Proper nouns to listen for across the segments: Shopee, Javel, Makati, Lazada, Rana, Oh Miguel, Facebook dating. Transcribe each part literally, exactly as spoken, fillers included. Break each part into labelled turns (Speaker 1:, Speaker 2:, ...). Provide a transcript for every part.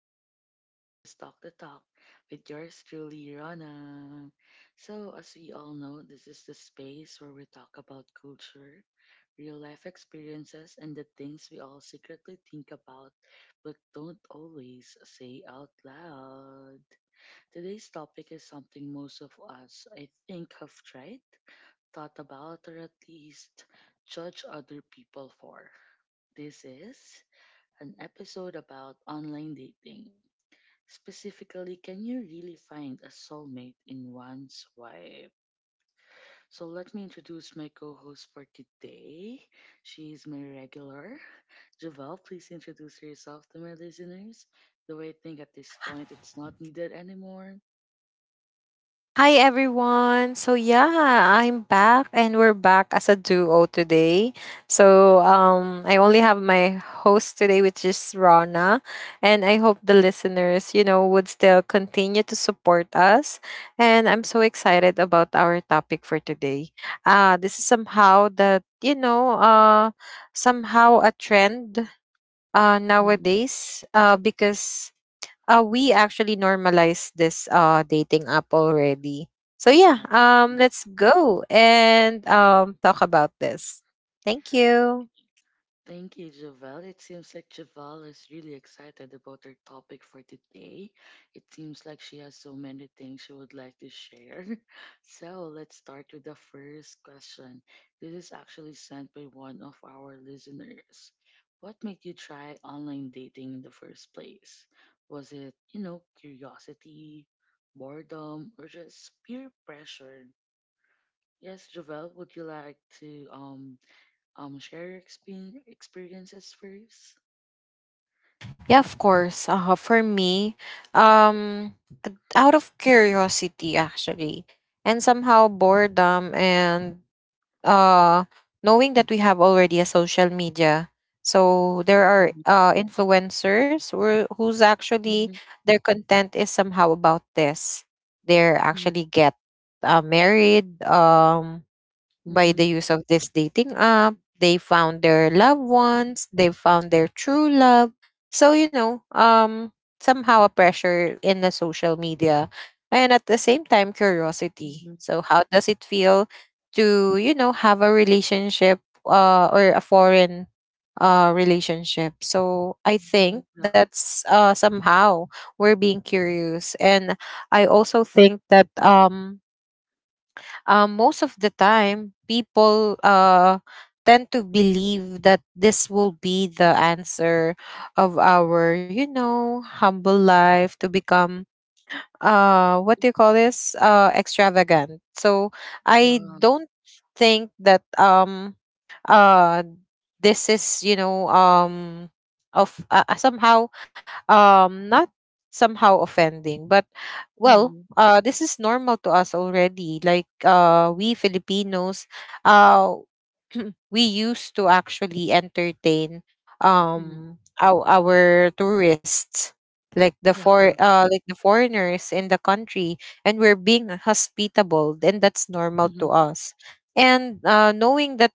Speaker 1: back to the show. This is Talk the Talk with yours truly, Rana. So, as we all know, this is the space where we talk about culture, real life experiences, and the things we all secretly think about but don't always say out loud. Today's topic is something most of us, I think, have tried, thought about, or at least judge other people for. This is an episode about online dating. Specifically, can you really find a soulmate in one swipe? So, let me introduce my co host for today. She is my regular. Javel, please introduce yourself to my listeners. Though I think at this point it's not needed anymore.
Speaker 2: Hi everyone. So yeah, I'm back and we're back as a duo today. So um I only have my host today, which is Rana, and I hope the listeners, you know, would still continue to support us, and I'm so excited about our topic for today. Uh this is somehow that, you know, uh somehow a trend uh
Speaker 1: Mm.
Speaker 2: nowadays uh because uh, we actually normalized this uh, dating app already. So yeah,
Speaker 1: Correct.
Speaker 2: um,
Speaker 1: Mm-hmm.
Speaker 2: let's go and um, talk about this. Thank you.
Speaker 1: Thank you, Javel. It seems like Javel is really excited about her topic for today. It seems like she has so many things she would like to share. So let's start with the first question. This is actually sent by one of our listeners. What made you try online dating in the first place? Was it, you know, curiosity, boredom, or just peer pressure? Yes, Javel, would you like to um um share your exper- experiences first?
Speaker 2: Yeah, of course. Uh, for me, um, out of curiosity actually, and somehow boredom, and uh knowing that we have already a social media, so there are
Speaker 1: Mhm,
Speaker 2: uh influencers who who's actually,
Speaker 1: mhm,
Speaker 2: their content is somehow about this, they're
Speaker 1: mhm,
Speaker 2: actually get uh, married um by the
Speaker 1: mm-hmm,
Speaker 2: use of this dating app. They found their loved ones, they found their true love. So, you know, um, somehow a pressure in the social media and at the same time curiosity.
Speaker 1: mhm.
Speaker 2: So how does it feel to, you know, have a relationship uh, or a foreign uh, relationship? So I
Speaker 1: Yeah,
Speaker 2: think
Speaker 1: yeah,
Speaker 2: that's uh, somehow we're being curious. And I also think that um um, most of the time people uh, tend to believe that this will be the answer of our you know humble life, to become uh what do you call this, uh extravagant. So i
Speaker 1: yeah,
Speaker 2: don't think that um uh this is you know um of uh, uh, somehow um not somehow offending, but well,
Speaker 1: mhm,
Speaker 2: uh this is normal to us already, like uh we Filipinos uh we used to actually entertain
Speaker 1: mhm,
Speaker 2: um our, our tourists, like the
Speaker 1: yeah,
Speaker 2: for uh like the foreigners in the country, and we're being hospitable, and that's normal to
Speaker 1: mhm,
Speaker 2: us. And uh knowing that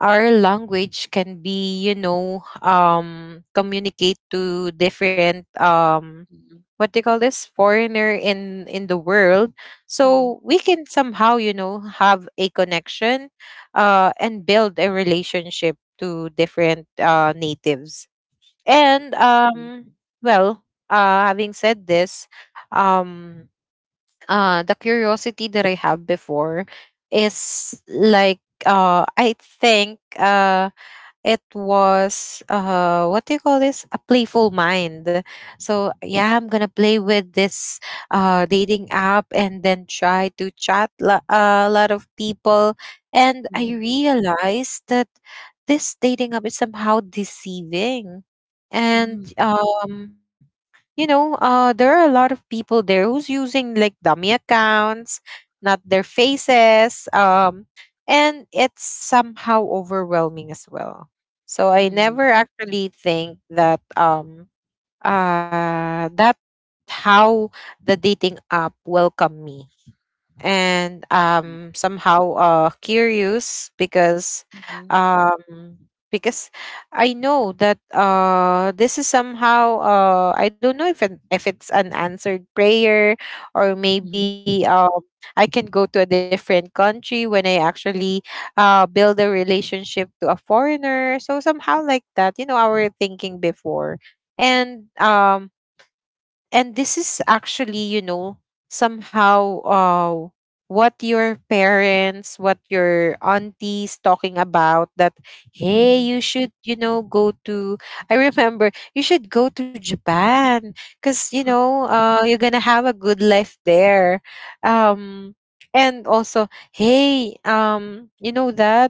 Speaker 2: our language can be you know um communicate to different um
Speaker 1: mhm.
Speaker 2: what they call this, foreigner in in the world,
Speaker 1: Yeah,
Speaker 2: so we can somehow you know have a connection uh and build a relationship to different uh natives.
Speaker 1: correct,
Speaker 2: And
Speaker 1: mhm,
Speaker 2: um well, uh having said this, um uh the curiosity that i have before is like, uh i think uh it was uh what do you call this, a playful mind. So yeah, i'm gonna play with this uh dating app and then try to chat lo- a lot of people, and i
Speaker 1: mhm,
Speaker 2: realized that this dating app is somehow deceiving.
Speaker 1: mhm,
Speaker 2: And
Speaker 1: mhm,
Speaker 2: um you know uh there are a lot of people there who's using like dummy accounts, not their
Speaker 1: yes,
Speaker 2: faces um and it's somehow overwhelming as well. So I
Speaker 1: mm-hmm.
Speaker 2: never actually think that um uh that, how the dating app welcome me. And um somehow uh curious, because
Speaker 1: Mhm,
Speaker 2: um because I know that uh this is somehow, uh I don't know if an, if it's an answered prayer, or
Speaker 1: mhm,
Speaker 2: maybe um I can go to a different country when I actually uh build a relationship to a foreigner. So somehow like that, you know our thinking before. And um and this is actually you know somehow uh what your parents, what your aunties talking about, that hey,
Speaker 1: mhm.
Speaker 2: you should you know go to, i remember, you should go to Japan, because you know uh you're gonna have a good life there. um and also, hey, um you know that,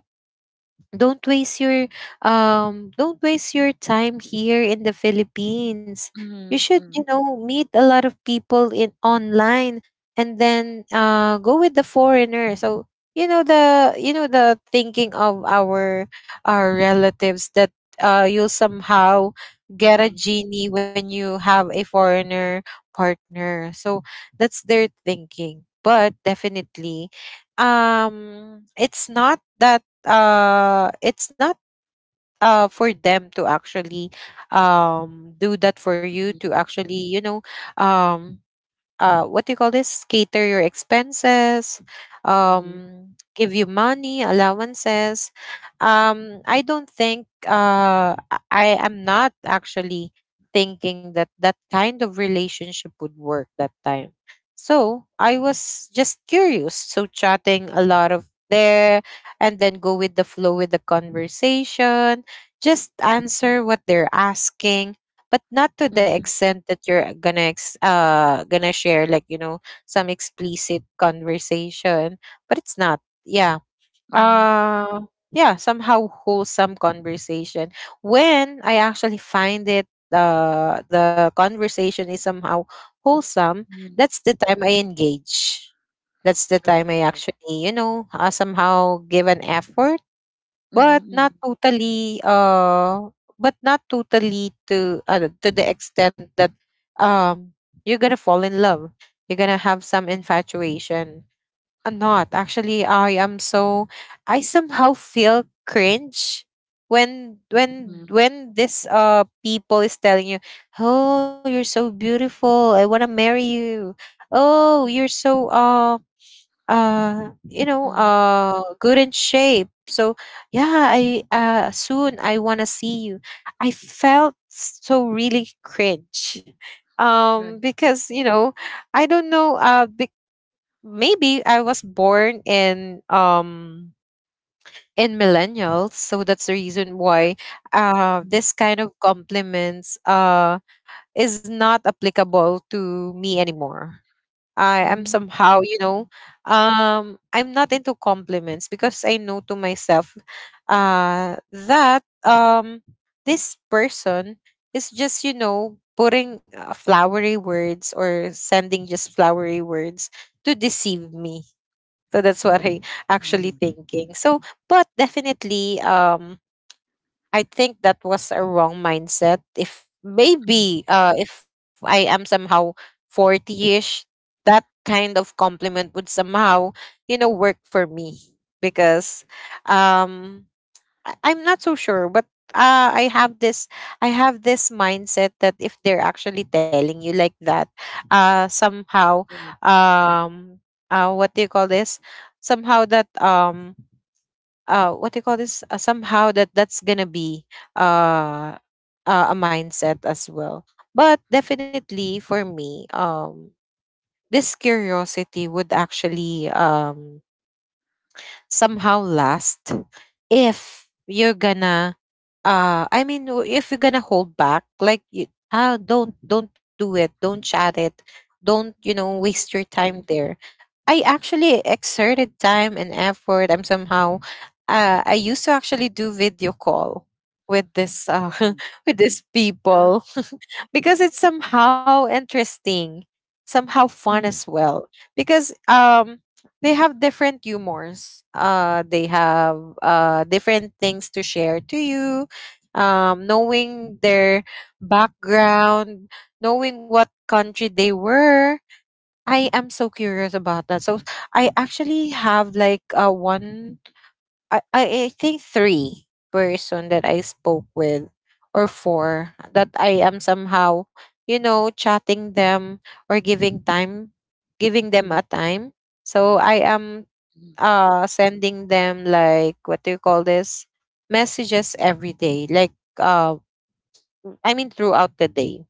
Speaker 2: don't waste your, um don't waste your time here in the Philippines. You should,
Speaker 1: Mhm,
Speaker 2: you
Speaker 1: mhm,
Speaker 2: know, meet a lot of people in online, and then uh go with the foreigner. So, you know the you know the thinking of our our relatives, that uh you'll somehow get a
Speaker 1: mhm,
Speaker 2: genie when you have a foreigner partner.
Speaker 1: mhm,
Speaker 2: So that's their thinking. But definitely, um it's not that, uh it's not uh for them to actually um do that, for you
Speaker 1: mhm,
Speaker 2: to actually you know um uh what do you call this, cater your expenses,
Speaker 1: mhm,
Speaker 2: um give you money allowances. um i don't think uh i I am not actually thinking that that kind of relationship would work that time. So i was just curious, so chatting a lot of there, and then go with the flow with the conversation, just answer what they're asking, but not to the
Speaker 1: mhm,
Speaker 2: extent that you're gonna ex- uh gonna share, like you know some explicit conversation. But it's not. Yeah.
Speaker 1: mhm,
Speaker 2: uh yeah Somehow wholesome conversation. When i actually find it, uh, the conversation is somehow wholesome,
Speaker 1: mhm,
Speaker 2: that's the time i engage. That's the time
Speaker 1: correct,
Speaker 2: i
Speaker 1: correct,
Speaker 2: actually you know uh, somehow give an effort, but
Speaker 1: mhm,
Speaker 2: not
Speaker 1: mhm,
Speaker 2: totally uh but not totally to uh, to the extent that um you're going to fall in love. You're going to have some infatuation. Uh, not actually, I am so, I somehow feel cringe when when
Speaker 1: mhm, mhm,
Speaker 2: when this uh people is telling you, "Oh, you're so beautiful. I want to marry you." "Oh, you're so uh uh you know
Speaker 1: mhm.
Speaker 2: uh good in shape, so yeah, I uh soon i want to see you." I felt so really cringe, um
Speaker 1: Right,
Speaker 2: because you know i don't know, uh be- maybe i was born in um in millennials, so that's the reason why
Speaker 1: correct,
Speaker 2: uh
Speaker 1: mhm,
Speaker 2: this kind of compliments uh is not applicable to me anymore. I am
Speaker 1: mhm,
Speaker 2: somehow, you know,
Speaker 1: mhm,
Speaker 2: um, I'm not into compliments, because I know to myself, uh, that, um, this person is just, you know, putting uh, flowery words, or sending just flowery words to deceive me. So that's what
Speaker 1: right,
Speaker 2: I actually
Speaker 1: mm-hmm,
Speaker 2: thinking. So, but definitely, um, I think that was a wrong mindset. If
Speaker 1: mhm.
Speaker 2: maybe uh if I am somehow forty-ish, that kind of compliment would somehow, you know, work for me, because um I- I'm not so sure, but uh, I have this I have this mindset, that if they're actually telling you like that, uh somehow,
Speaker 1: Right.
Speaker 2: um uh what do you call this? Somehow that, um uh what do you call this, uh, somehow that, that's gonna be uh, uh a mindset as well. But definitely for me, um this curiosity would actually um somehow last, if you're gonna, uh I mean, w- if you're gonna hold back, like, you, ah don't, don't do it, don't chat it, don't, you know,
Speaker 1: Mm,
Speaker 2: waste your time there. I actually exerted time and effort. I'm somehow, uh, I used to actually do video call with this, uh,
Speaker 1: oh,
Speaker 2: with these
Speaker 1: yeah.
Speaker 2: people because it's somehow interesting, somehow
Speaker 1: Mm,
Speaker 2: fun as well. Because um they have different humors. Uh they have uh different things to share to you. Um knowing their background, knowing what country they were, I am so curious about that. So I actually have like, uh, one, I, I I think three person that I spoke with, or four, that I am somehow, you know, chatting them, or giving time, giving them
Speaker 1: mhm,
Speaker 2: a time. So I am
Speaker 1: mhm,
Speaker 2: uh sending them like, what do you call this, messages every day, like uh I mean throughout the day.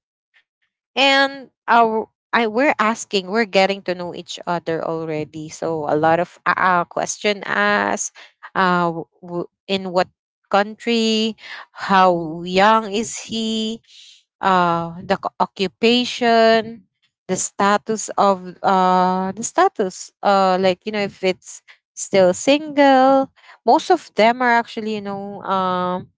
Speaker 2: And our, I, we're asking, we're getting to know each other already. So a lot of uh, uh, question asked, uh, w- w- in what country, how
Speaker 1: mhm,
Speaker 2: young is he, uh, the c- occupation, the status of uh, the status, uh, like you know if it's still single. Most of them are actually you know um,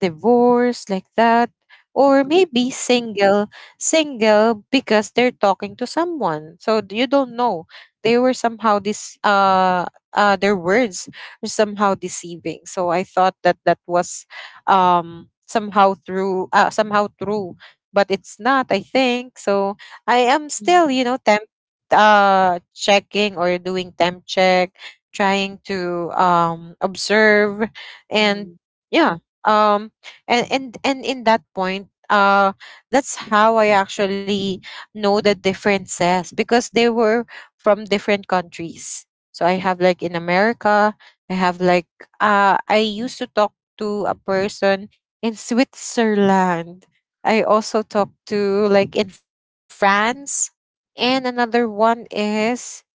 Speaker 2: divorced, like that, or
Speaker 1: correct.
Speaker 2: maybe single. Single because they're talking to someone, so d- you don't know. They were somehow this, uh uh their words were somehow deceiving, so i thought that that was um somehow through, uh, somehow true. But it's not, i think so. I am
Speaker 1: Mm,
Speaker 2: still you know temp uh checking, or doing temp check, trying to um observe, and
Speaker 1: mm,
Speaker 2: yeah. um and and and In that point, uh that's how i actually know the differences, because they were from different countries. So i have like in America. I have like, uh i used to talk to a person in Switzerland. I also talked to like in France. And another one is,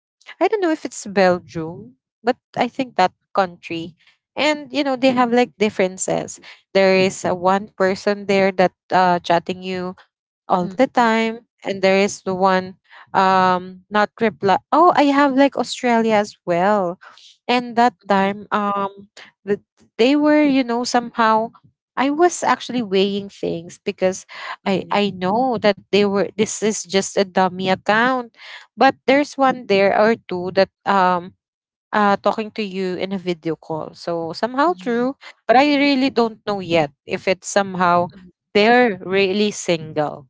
Speaker 2: I don't know if it's Belgium, but I think that country. And you know, they have like differences. There is a one person there that uh chatting you all the
Speaker 1: mm,
Speaker 2: time, and there is the one um not reply. Oh, i have like Australia as well. And that
Speaker 1: mhm,
Speaker 2: time, um the, they were you know somehow, i was actually weighing things, because i
Speaker 1: mhm,
Speaker 2: i know that they were, this is just a dummy account. But there's one there or two that um uh talking to you in a video call, so somehow
Speaker 1: mhm,
Speaker 2: true. But i really don't know yet if it's somehow
Speaker 1: mhm,
Speaker 2: they're really single,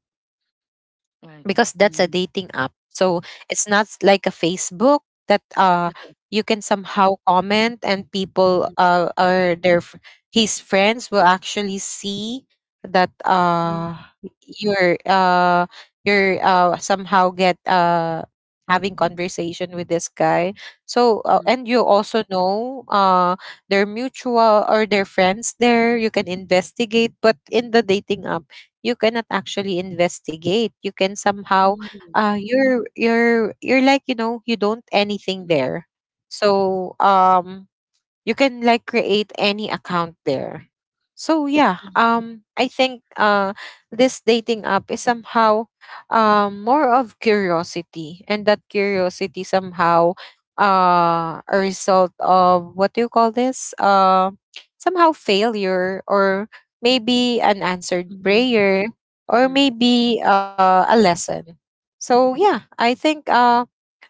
Speaker 2: because that's
Speaker 1: right.
Speaker 2: a dating
Speaker 1: Mm,
Speaker 2: app. So it's not s- like a Facebook that uh you
Speaker 1: mhm,
Speaker 2: can somehow comment and people uh or their f- his friends will actually see that
Speaker 1: mhm,
Speaker 2: uh you're uh you're uh somehow get uh having conversation with this guy so uh,
Speaker 1: mhm,
Speaker 2: and you also know uh their mutual or their friends there you can investigate. But in the dating app you cannot actually investigate. You can somehow
Speaker 1: mhm,
Speaker 2: uh you're you're you're like you know you don't
Speaker 1: mhm,
Speaker 2: anything
Speaker 1: mhm,
Speaker 2: there. So um you can like create any account there. So yeah, um i think uh this dating app is somehow um more of curiosity, and that curiosity somehow uh a result of what do you call this, uh somehow failure, or maybe an answered
Speaker 1: mhm,
Speaker 2: prayer, or
Speaker 1: mhm,
Speaker 2: maybe uh, a lesson. So yeah, i think uh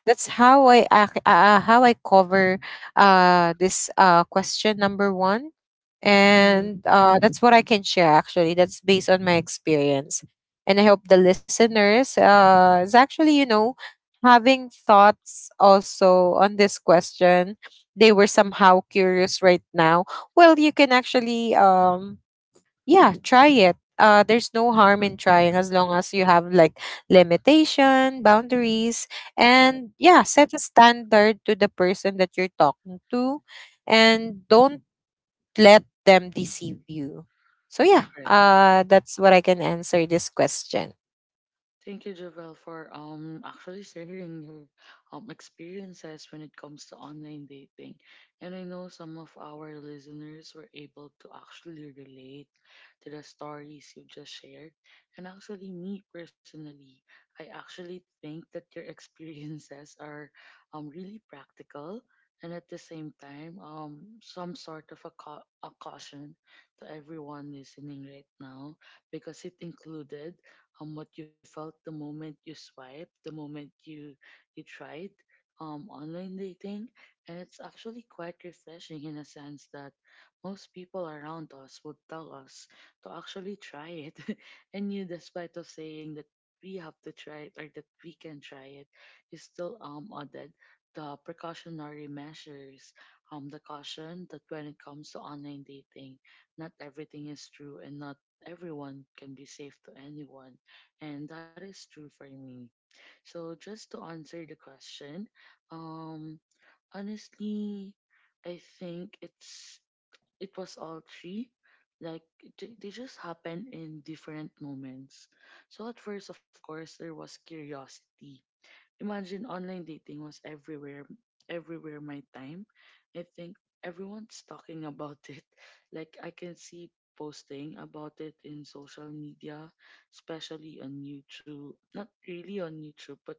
Speaker 2: that's how I ac- uh, uh, how I cover uh this uh question number one,
Speaker 1: mhm,
Speaker 2: and uh that's what I can share actually. That's based on my experience, and I hope the listeners uh is actually you know having thoughts also on this question. They were
Speaker 1: mhm,
Speaker 2: somehow curious right now. Well, you can actually um yeah try it. Uh there's no harm
Speaker 1: of
Speaker 2: in
Speaker 1: course.
Speaker 2: trying, as long as you have like limitation boundaries
Speaker 1: Correct.
Speaker 2: and yeah set a standard to the person that you're talking to, and don't let them deceive you. So yeah,
Speaker 1: Correct.
Speaker 2: uh that's what I can answer this question.
Speaker 1: Thank you, Javel, for um actually sharing your um experiences when it comes to online dating. And I know some of our listeners were able to actually relate to the stories you just shared. And actually me personally, I actually think that your experiences are um really practical and at the same time um some sort of a, cau- a caution to everyone listening right now because it included um, what you felt the moment you swiped, the moment you you tried um, online dating, and it's actually quite refreshing in a sense that most people around us would tell us to actually try it, and you, despite of saying that we have to try it or that we can try it, you still um added the precautionary measures, um, the caution that when it comes to online dating, not everything is true and not everyone can be safe to anyone, and that is true for me. So just to answer the question, um, honestly, I think it's it was all three. Like they, they just happened in different moments. So at first, of course, there was curiosity. Imagine online dating was everywhere, everywhere my time. I think everyone's talking about it. Like I can see posting about it in social media, especially on YouTube. Not really on YouTube, but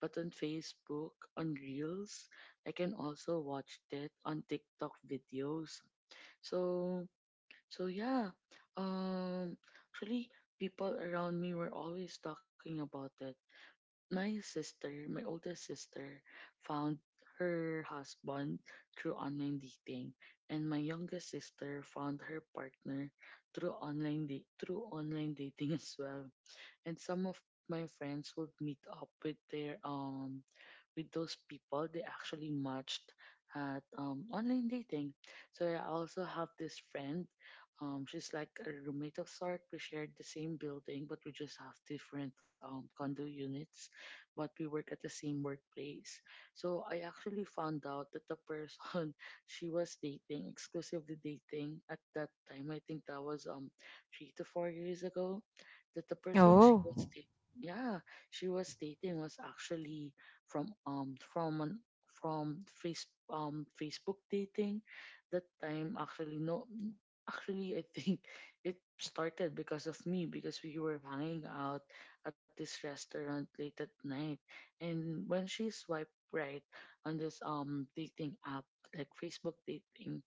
Speaker 1: but on Facebook, on Reels. I can also watch it on TikTok videos. So so yeah. Um actually people around me were always talking about it. My sister, my oldest sister, found her husband through online dating, and my youngest sister found her partner through online da- through online dating as well. And some of my friends would meet up with their um with those people they actually matched at um, online dating. So I also have this friend. Um, she's like a roommate of sort. We shared the same building, but we just have different um, condo units. But we work at the same workplace. So I actually found out that the person she was dating, exclusively dating at that time, I think that was um three to four years ago, that the person she was
Speaker 2: Oh.
Speaker 1: dating, yeah, she was dating was actually from um from an, from face um Facebook dating. That time actually no, actually I think it started because of me, because we were hanging out at this restaurant late at night, and when she swiped right on this um dating app, like Facebook dating,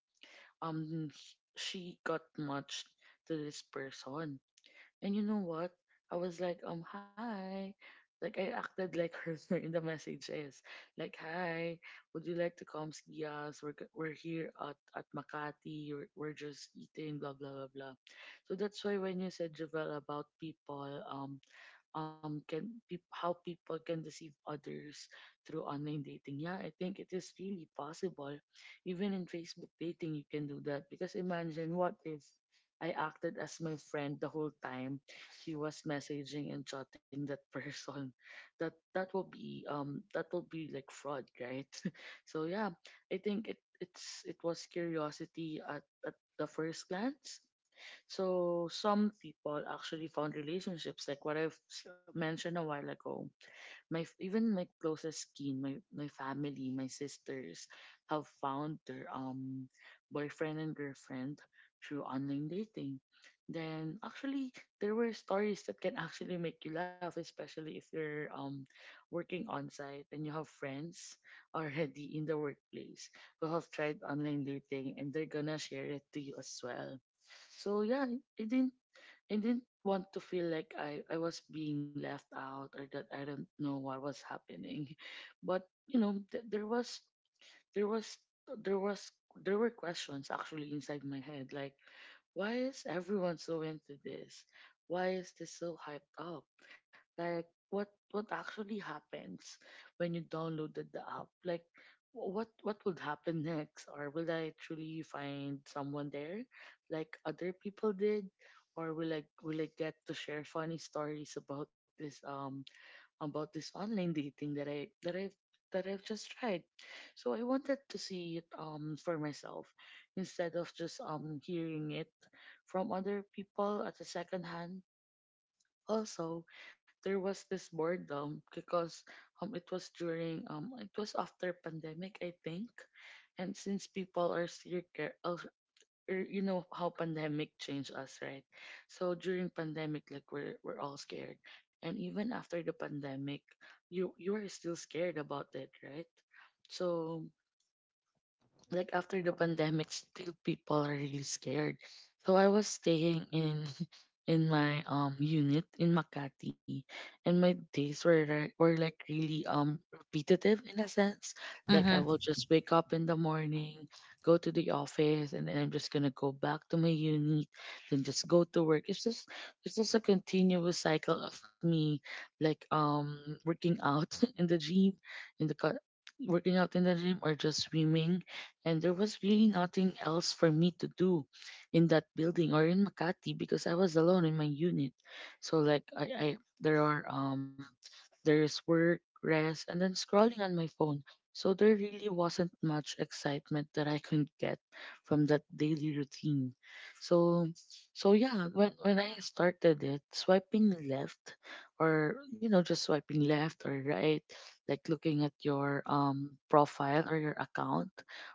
Speaker 1: um she got matched to this person. And you know what? I was like, um, hi. Like I acted like her in the messages. Like, hi, would you like to come see us? We're g- we're here at, at Makati. We're, we're just eating, blah blah blah blah. So that's why when you said Javel about people, um, um can peop how people can deceive others through online dating. Yeah, I think it is really possible. Even in Facebook dating, you can do that because imagine what if I acted as my friend the whole time he was messaging and chatting that person. That that will be um that will be like fraud, right? So yeah, I think it it's it was curiosity at, at the first glance, so some people actually found relationships, like what I've s- mentioned a while ago. My f- even my closest kin, my my family, my sisters, have found their um boyfriend and girlfriend through online dating. Then actually there were stories that can actually make you laugh, especially if you're um working on site and you have friends already in the workplace who have tried online dating and they're gonna share it to you as well. So yeah, it didn't I didn't want to feel like I, I was being left out or that I don't know what was happening. But you know, th- there was there was there was there were questions actually inside my head, like why is everyone so into this? Why is this so hyped up? Like what what actually happens when you downloaded the app? Like wh- what what would happen next? Or will I truly find someone there like other people did? Or will I will I get to share funny stories about this um about this online dating that I that I that I've just tried. So I wanted to see it um for myself, instead of just um hearing it from other people at a second hand. Also, there was this boredom because um it was during um it was after pandemic I think, and since people are still care are er, you know how pandemic changed us, right? So during pandemic, like we're, we're all scared, and even after the pandemic, you you are still scared about it, right? So like after the pandemic, still people are really scared, so I was staying in in my um unit in Makati, and my days were re- were like really um repetitive in a sense, like I
Speaker 2: Mm-hmm.
Speaker 1: will just wake up in the morning, go to the office, and then I'm just gonna go back to my unit, then just go to work. It's just it's just a continuous cycle of me, like um working out in the gym, in the car, working out in the gym or just swimming. And there was really nothing else for me to do in that building or in Makati because I was alone in my unit. So like I, I there are um there's work, rest, and then scrolling on my phone. So there really wasn't much excitement that I could get from that daily routine. So so yeah, when when I started it, swiping left, or you know, just swiping left or right, like looking at your um profile or your account,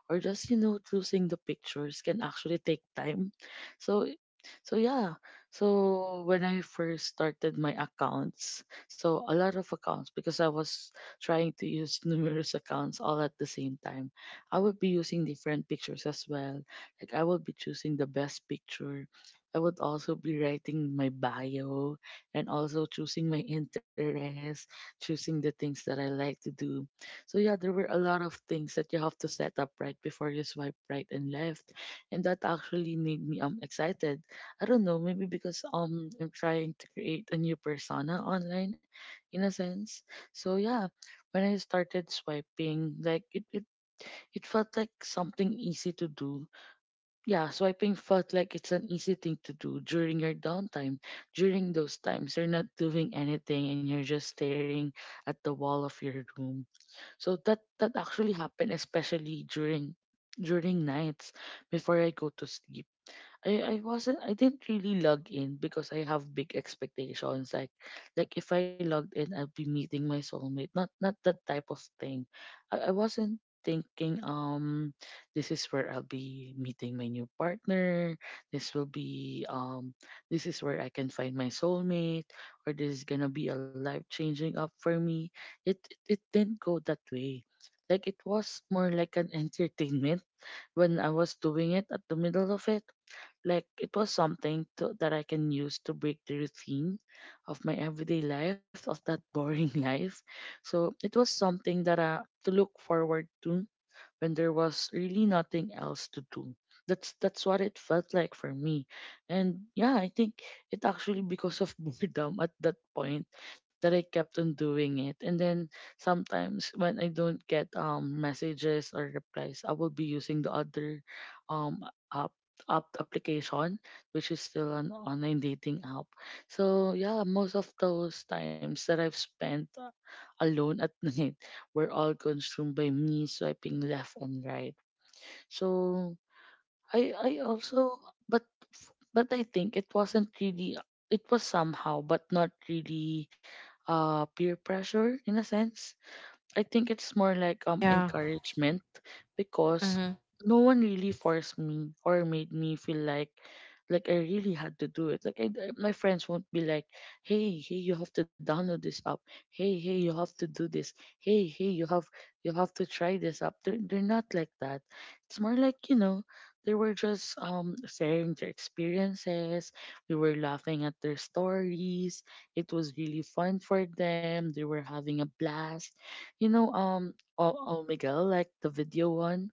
Speaker 1: or just you know choosing the pictures, can actually take time. so so yeah, so when I first started my accounts, so a lot of accounts because I was trying to use numerous accounts all at the same time, I would be using different pictures as well, like I would be choosing the best picture. I would also be writing my bio and also choosing my interests, choosing the things that I like to do. So yeah, there were a lot of things that you have to set up right before you swipe right and left, and that actually made me um excited. I don't know, maybe because um I'm trying to create a new persona online, in a sense. So yeah, when I started swiping, like it it it felt like something easy to do. Yeah, swiping felt like it's an easy thing to do during your downtime. During those times, you're not doing anything and you're just staring at the wall of your room, so that that actually happened, especially during during nights before I go to sleep. I, I wasn't I didn't really log in because I have big expectations. Like like if I logged in, I'd be meeting my soulmate. Not not that type of thing. I, I wasn't thinking um this is where I'll be meeting my new partner. This will be um this is where I can find my soulmate, or this is gonna be a life changing up for me. It, it it didn't go that way. Like it was more like an entertainment when I was doing it at the middle of it, like it was something to, that I can use to break the routine of my everyday life, of that boring life. So it was something that uh, to look forward to when there was really nothing else to do. That's that's what it felt like for me. And yeah, I think it actually because of boredom at that point that I kept on doing it. And then sometimes when I don't get um messages or replies, I will be using the other um app app application, which is still an online dating app. So yeah, most of those times that I've spent uh, alone at night were all consumed by me swiping left and right. So I I also, but but I think it wasn't really, it was somehow but not really uh peer pressure in a sense. I think it's more like um
Speaker 2: Yeah.
Speaker 1: encouragement, because
Speaker 2: Mm-hmm.
Speaker 1: no one really forced me or made me feel like like I really had to do it. Like I, I- my friends won't be like, "Hey, hey, you have to download this app. Hey, hey, you have to do this. Hey, hey, you have you have to try this app." They're they're not like that. It's more like, you know, they were just um sharing their experiences. We were laughing at their stories. It was really fun for them. They were having a blast, you know, um, oh, oh Miguel, like the video one.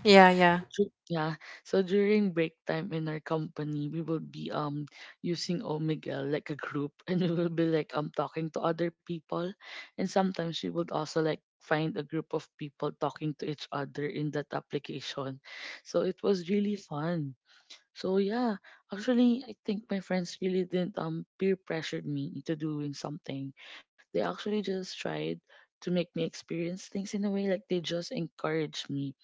Speaker 2: Yeah, yeah.
Speaker 1: Ju- Yeah. So during break time in our company, we will be um using Oh Miguel like a group, and we will be like um talking to other people, and sometimes we would also like find a group of people talking to each other in that application. So it was really fun. So yeah, actually, I think my friends really didn't um peer pressured me into doing something. They actually just tried to make me experience things in a way, like they just encouraged me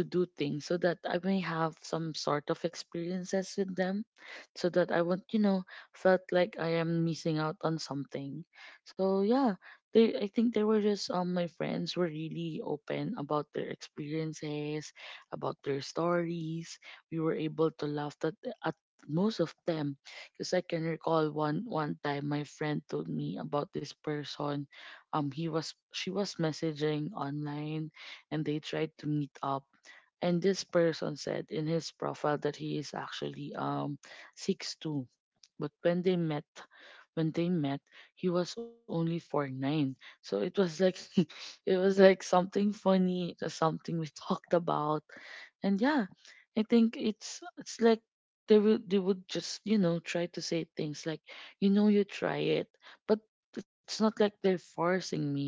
Speaker 1: to do things so that I may have some sort of experiences with them, so that I won't, you know, felt like I am missing out on something. So yeah, they, I think they were just um my friends were really open about their experiences, about their stories. We were able to laugh at at most of them, because I can recall one one time my friend told me about this person. Um he was She was messaging online, and they tried to meet up, and this person said in his profile that he is actually um six two, but when they met when they met he was only four nine. So it was like, it was like something funny, it was something we talked about. And yeah, I think it's it's like they would they would just, you know, try to say things like, you know, you try it, but it's not like they're forcing me.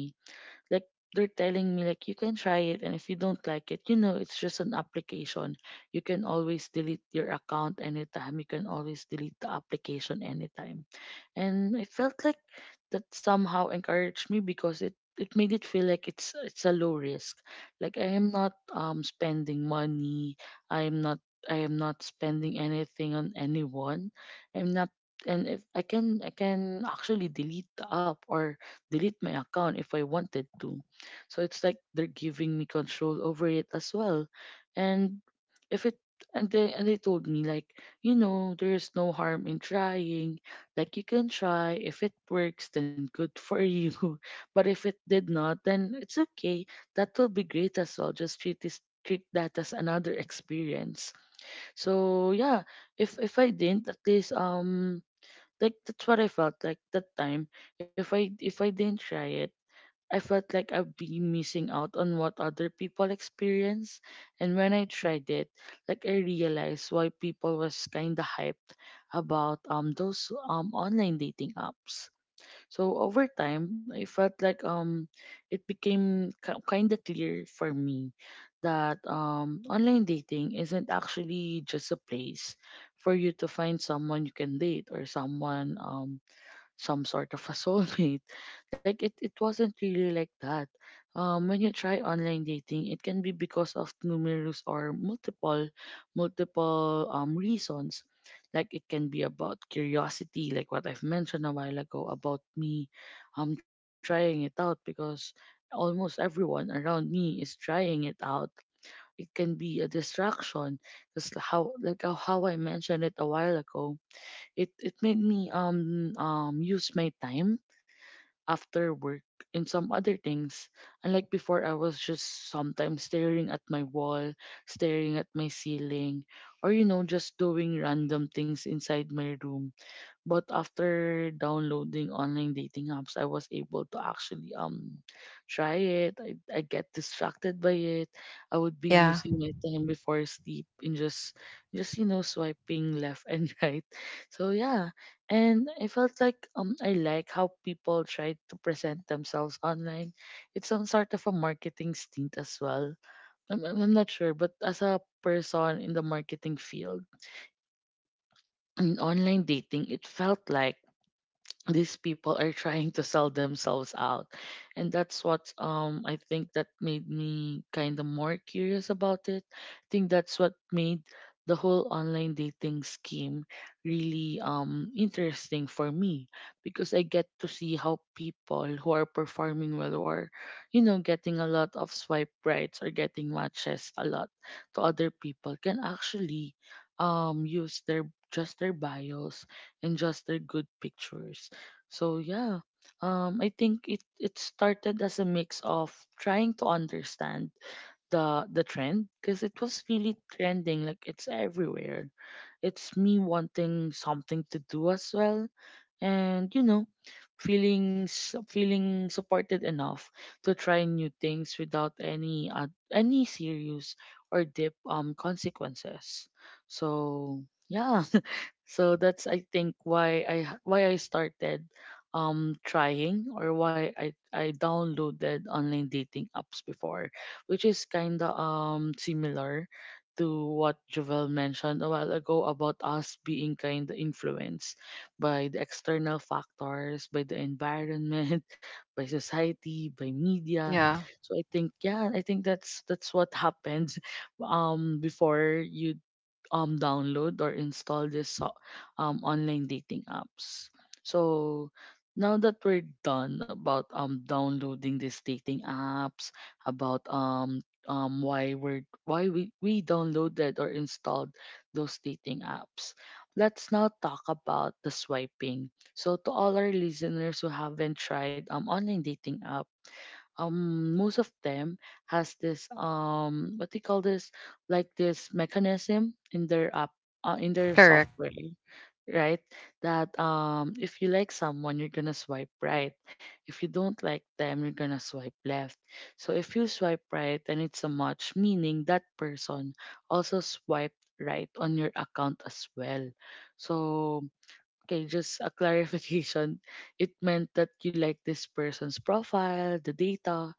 Speaker 1: Like they're telling me like, you can try it, and if you don't like it, you know, it's just an application. You can always delete your account anytime. You can always delete the application anytime. And I felt like that somehow encouraged me, because it it made it feel like it's it's a low risk. Like I am not um spending money, i am not I am not spending anything on anyone. I'm not And if I can I can actually delete the app or delete my account if I wanted to. So it's like they're giving me control over it as well. And if it And they and they told me like, you know, there's no harm in trying. Like you can try. If it works, then good for you. But if it did not, then it's okay. That will be great as well. Just treat this treat that as another experience. So yeah, if if I didn't, at least um like that's what I felt like that time. If I if I didn't try it, I felt like I've been missing out on what other people experience. And when I tried it, like I realized why people was kinda hyped about um those um online dating apps. So over time, I felt like um it became ki- kinda clear for me that um online dating isn't actually just a place for you to find someone you can date or someone um some sort of a soulmate. Like it, it wasn't really like that. Um, when you try online dating, it can be because of numerous or multiple, multiple um reasons. Like it can be about curiosity, like what I've mentioned a while ago about me, um trying it out because almost everyone around me is trying it out. It can be a distraction, just how like how how I mentioned it a while ago. It it made me um um use my time after work in some other things. Unlike before, I was just sometimes staring at my wall, staring at my ceiling, or, you know, just doing random things inside my room. But after downloading online dating apps, I was able to actually um try it. I, I get distracted by it. I would be
Speaker 2: Yeah.
Speaker 1: using my time before sleep in just just you know, swiping left and right. So yeah, and I felt like um I like how people try to present themselves online. It's some sort of a marketing stint as well. I'm, I'm I'm not sure, but as a person in the marketing field in online dating, it felt like these people are trying to sell themselves out. And that's what, um I think that made me kind of more curious about it. I think that's what made the whole online dating scheme really um interesting for me, because I get to see how people who are performing well, or, you know, getting a lot of swipe rights or getting matches a lot, to other people can actually um use their just their bios and just their good pictures. So yeah, um, I think it it started as a mix of trying to understand the the trend, because it was really trending, like it's everywhere. It's me wanting something to do as well, and, you know, feeling s- feeling supported enough to try new things without any uh, any serious or deep um consequences. So yeah. So that's I think why I h- why I started um trying, or why I I downloaded online dating apps before, which is kind of um similar to what Jovel mentioned a while ago about us being kind of influenced by the external factors, by the environment, by society, by media.
Speaker 2: Yeah.
Speaker 1: So I think yeah, I think that's that's what happens um before you um download or install this so- um online dating apps. So now that we're done about um downloading these dating apps, about um um why we're why we, we downloaded or installed those dating apps. Let's now talk about the swiping. So to all our listeners who haven't tried um online dating app, um most of them has this um what do you call this, like this mechanism in their app, uh, in their
Speaker 2: Correct.
Speaker 1: software, right? That um if you like someone, you're gonna swipe right. If you don't like them, you're gonna swipe left. So if you swipe right, and it's a match, meaning that person also swiped right on your account as well. So okay, just a clarification, it meant that you like this person's profile, the data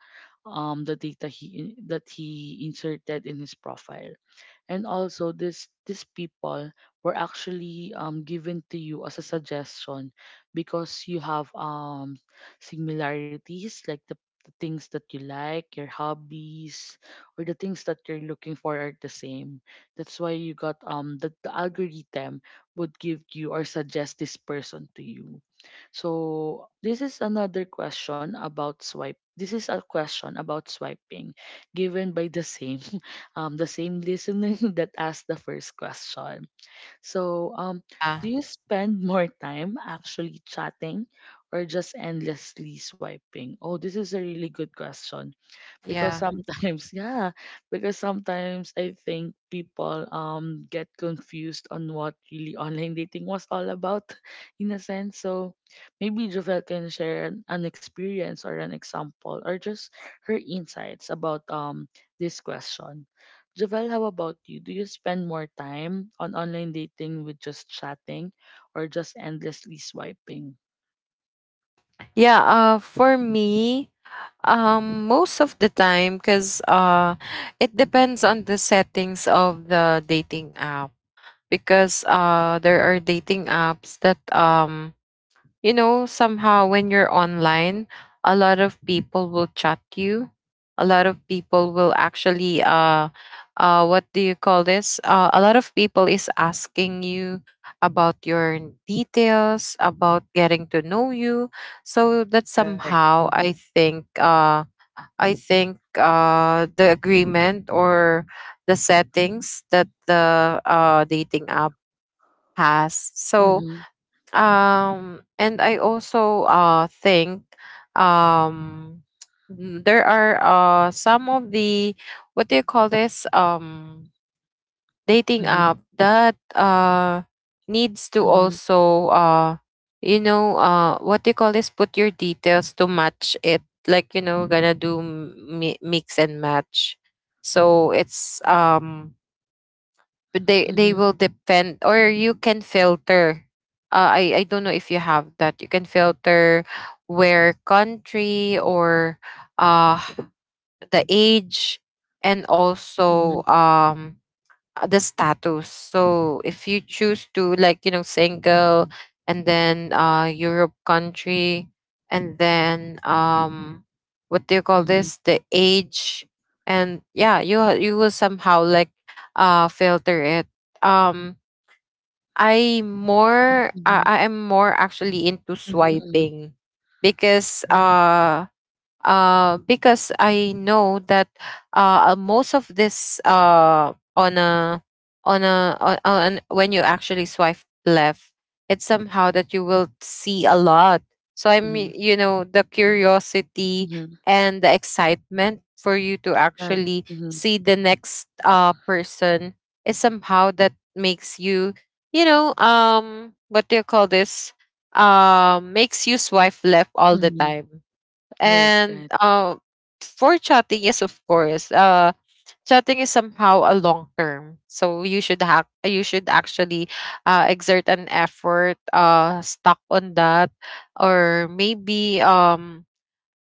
Speaker 1: um, the data he in- that he inserted in his profile. And also this these people were actually, um, given to you as a suggestion because you have um similarities, like the, the things that you like, your hobbies, or the things that you're looking for are the same. That's why you got um that the algorithm would give you or suggest this person to you. So this is another question about swipe. This is a question about swiping given by the same, um, the same listener that asked the first question. So, um,
Speaker 2: Yeah.
Speaker 1: do you spend more time actually chatting or just endlessly swiping? Oh, this is a really good question, because
Speaker 2: Yeah.
Speaker 1: sometimes yeah, because sometimes I think people um get confused on what really online dating was all about in a sense. So maybe Jovel can share an, an experience or an example, or just her insights about um this question. Jovel, how about you? Do you spend more time on online dating with just chatting or just endlessly swiping?
Speaker 2: Yeah, uh, for me, um, most of the time, because uh, it depends on the settings of the dating app. Because uh, there are dating apps that um, you know, somehow when you're online, a lot of people will chat you. A lot of people will actually uh uh what do you call this? Uh, a lot of people is asking you about your details, about getting to know you. So that
Speaker 1: Right. Mm-hmm.
Speaker 2: somehow I think uh I think uh the agreement or the settings that the uh dating app has. So
Speaker 1: Mm-hmm.
Speaker 2: um and i also uh think um n- there are uh some of the what do you call this, um dating
Speaker 1: Mm-hmm.
Speaker 2: app that uh needs to
Speaker 1: Mm-hmm.
Speaker 2: also uh you know uh what do you call this, put your details to match it, like you know gonna do m- mi- mix and match. So it's um but they they will depend, or you can filter. uh, i i don't know if you have that. You can filter where country or uh the age, and
Speaker 1: Mm-hmm.
Speaker 2: also um uh, the status. So if you choose to like you know single, and then uh Europe country, and then um what do you call
Speaker 1: Mm-hmm.
Speaker 2: this, the age, and yeah you ha- you will somehow like uh filter it. Um I more I I am more actually into
Speaker 1: Mhm, mhm.
Speaker 2: swiping, because
Speaker 1: Right.
Speaker 2: uh uh, because I know that uh, uh, most of this uh, on a on a on, on when you actually swipe left, it's somehow that you will see a lot. So I'm
Speaker 1: Mhm,
Speaker 2: y- you know the curiosity
Speaker 1: mhm.
Speaker 2: and the excitement for you to
Speaker 1: Right.
Speaker 2: actually
Speaker 1: Mhm,
Speaker 2: see the next uh, person is somehow that makes you you know um what do you call this, um makes you swipe left all the
Speaker 1: mhm.
Speaker 2: time.
Speaker 1: Right, right.
Speaker 2: And uh, for chatting, yes, of course. Uh, chatting is somehow a long term, so you should have you should actually uh, exert an effort, uh, stuck on that, or maybe um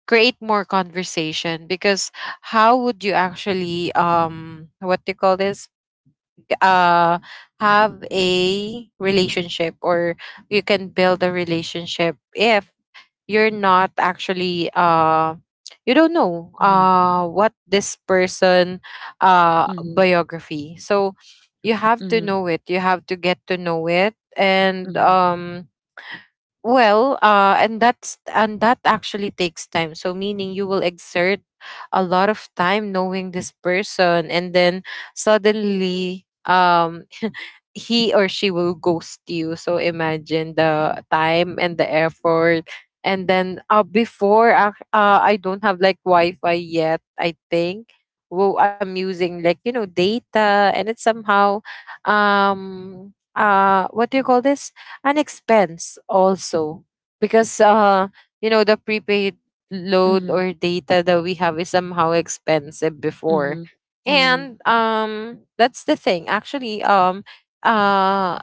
Speaker 2: create more conversation. Because how would you actually um what do you call this, uh have a relationship, or you can build a relationship if you're not actually uh you don't know
Speaker 1: Mhm,
Speaker 2: uh what this person uh
Speaker 1: mhm,
Speaker 2: biography. So you have to
Speaker 1: mhm,
Speaker 2: know it, you have to get to know it. And
Speaker 1: mhm,
Speaker 2: um well, uh, and that's and that actually takes time. So meaning you will exert a lot of time knowing this person, and then suddenly, um, he or she will ghost you. So imagine the time and the effort. And then uh, before, uh, uh, I don't have like Wi Fi yet, I think. Well, I'm using like, you know, data, and it's somehow, um, uh, what do you call this, and expense also, because uh you know the prepaid
Speaker 1: mhm,
Speaker 2: load or data that we have is somehow expensive
Speaker 1: mhm,
Speaker 2: before.
Speaker 1: mhm,
Speaker 2: And um that's the thing actually, um uh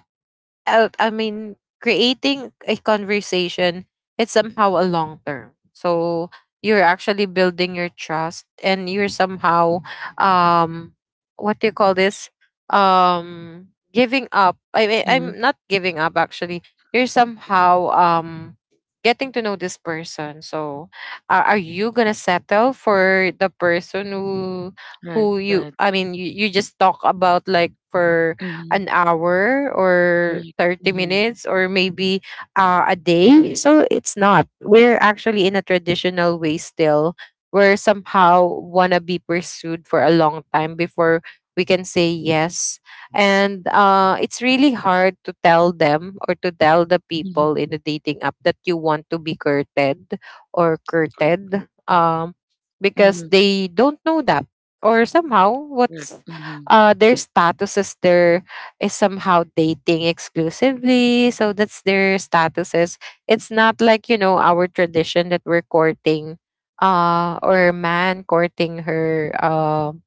Speaker 2: uh, I mean, creating a conversation, it's somehow a long term. So you're actually building your trust, and you're somehow um what do you call this? Um Giving up. I mean,
Speaker 1: mhm.
Speaker 2: I'm not giving up actually. You're somehow um getting to know this person. So are are you gonna settle for the person who
Speaker 1: Right,
Speaker 2: who you
Speaker 1: right.
Speaker 2: I mean you, you just talk about like for
Speaker 1: Mhm.
Speaker 2: an hour or
Speaker 1: Correct.
Speaker 2: thirty
Speaker 1: Mhm,
Speaker 2: minutes, or maybe uh, a day? So it's not. We're actually in a traditional way still. We're somehow wanna be pursued for a long time before we can say yes. And uh, it's really hard to tell them, or to tell the people
Speaker 1: mhm.
Speaker 2: in the dating app that you want to be courted, or
Speaker 1: Correct.
Speaker 2: courted um,
Speaker 1: Mhm,
Speaker 2: because they don't know that. Or somehow,
Speaker 1: correct.
Speaker 2: what's
Speaker 1: Mhm,
Speaker 2: uh, their status is their is somehow dating exclusively. So that's their statuses. It's not like, you know, our tradition that we're courting, uh or man courting her um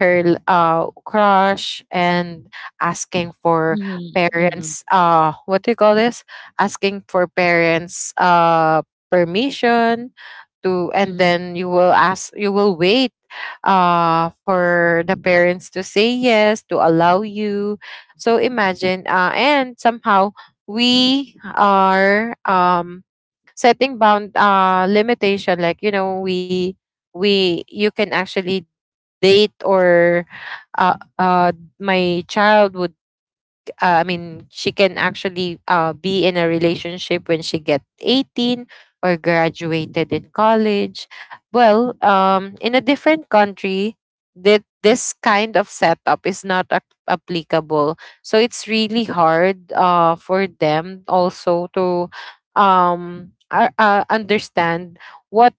Speaker 2: her uh, crush and asking for
Speaker 1: mhm, mhm,
Speaker 2: parents uh what do you call this, asking for parents uh permission to, and
Speaker 1: mhm.
Speaker 2: then you will ask, you will wait uh for the parents to say yes to allow you. So imagine uh and somehow we are um setting bound uh limitation. Like you know we we you can actually date or uh, uh, my child would uh, I mean, she can actually uh, be in a relationship when she get eighteen or graduated in college. Well, um, in a different country that this kind of setup is not ac- applicable. So it's really hard uh, for them also to um, uh, uh, understand what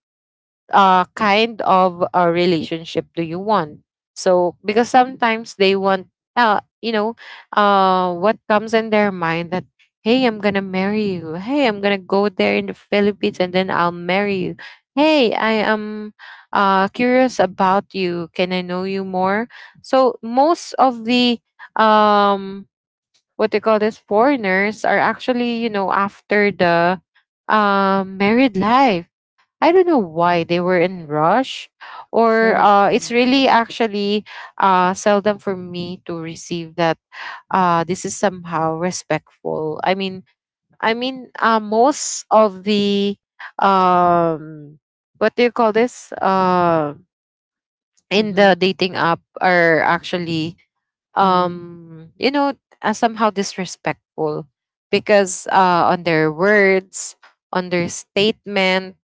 Speaker 2: uh, kind of a relationship do you want? So, because sometimes they want, uh, you know, uh, what comes in their mind that, hey, I'm going to marry you. Hey, I'm going to go there in the Philippines and then I'll marry you. Hey, I am uh, curious about you. Can I know you more? So, most of the, um, what they call this, foreigners are actually, you know, after the um married life. I don't know why they were in rush, or
Speaker 1: Right.
Speaker 2: uh,
Speaker 1: Mhm,
Speaker 2: it's really actually uh, seldom for me to receive that. Uh, this is somehow respectful. I mean, I mean, uh, most of the um, what do you call this, Uh, in
Speaker 1: mhm,
Speaker 2: the dating app are actually um, you know, uh, somehow disrespectful, because uh, on their words, on their statement.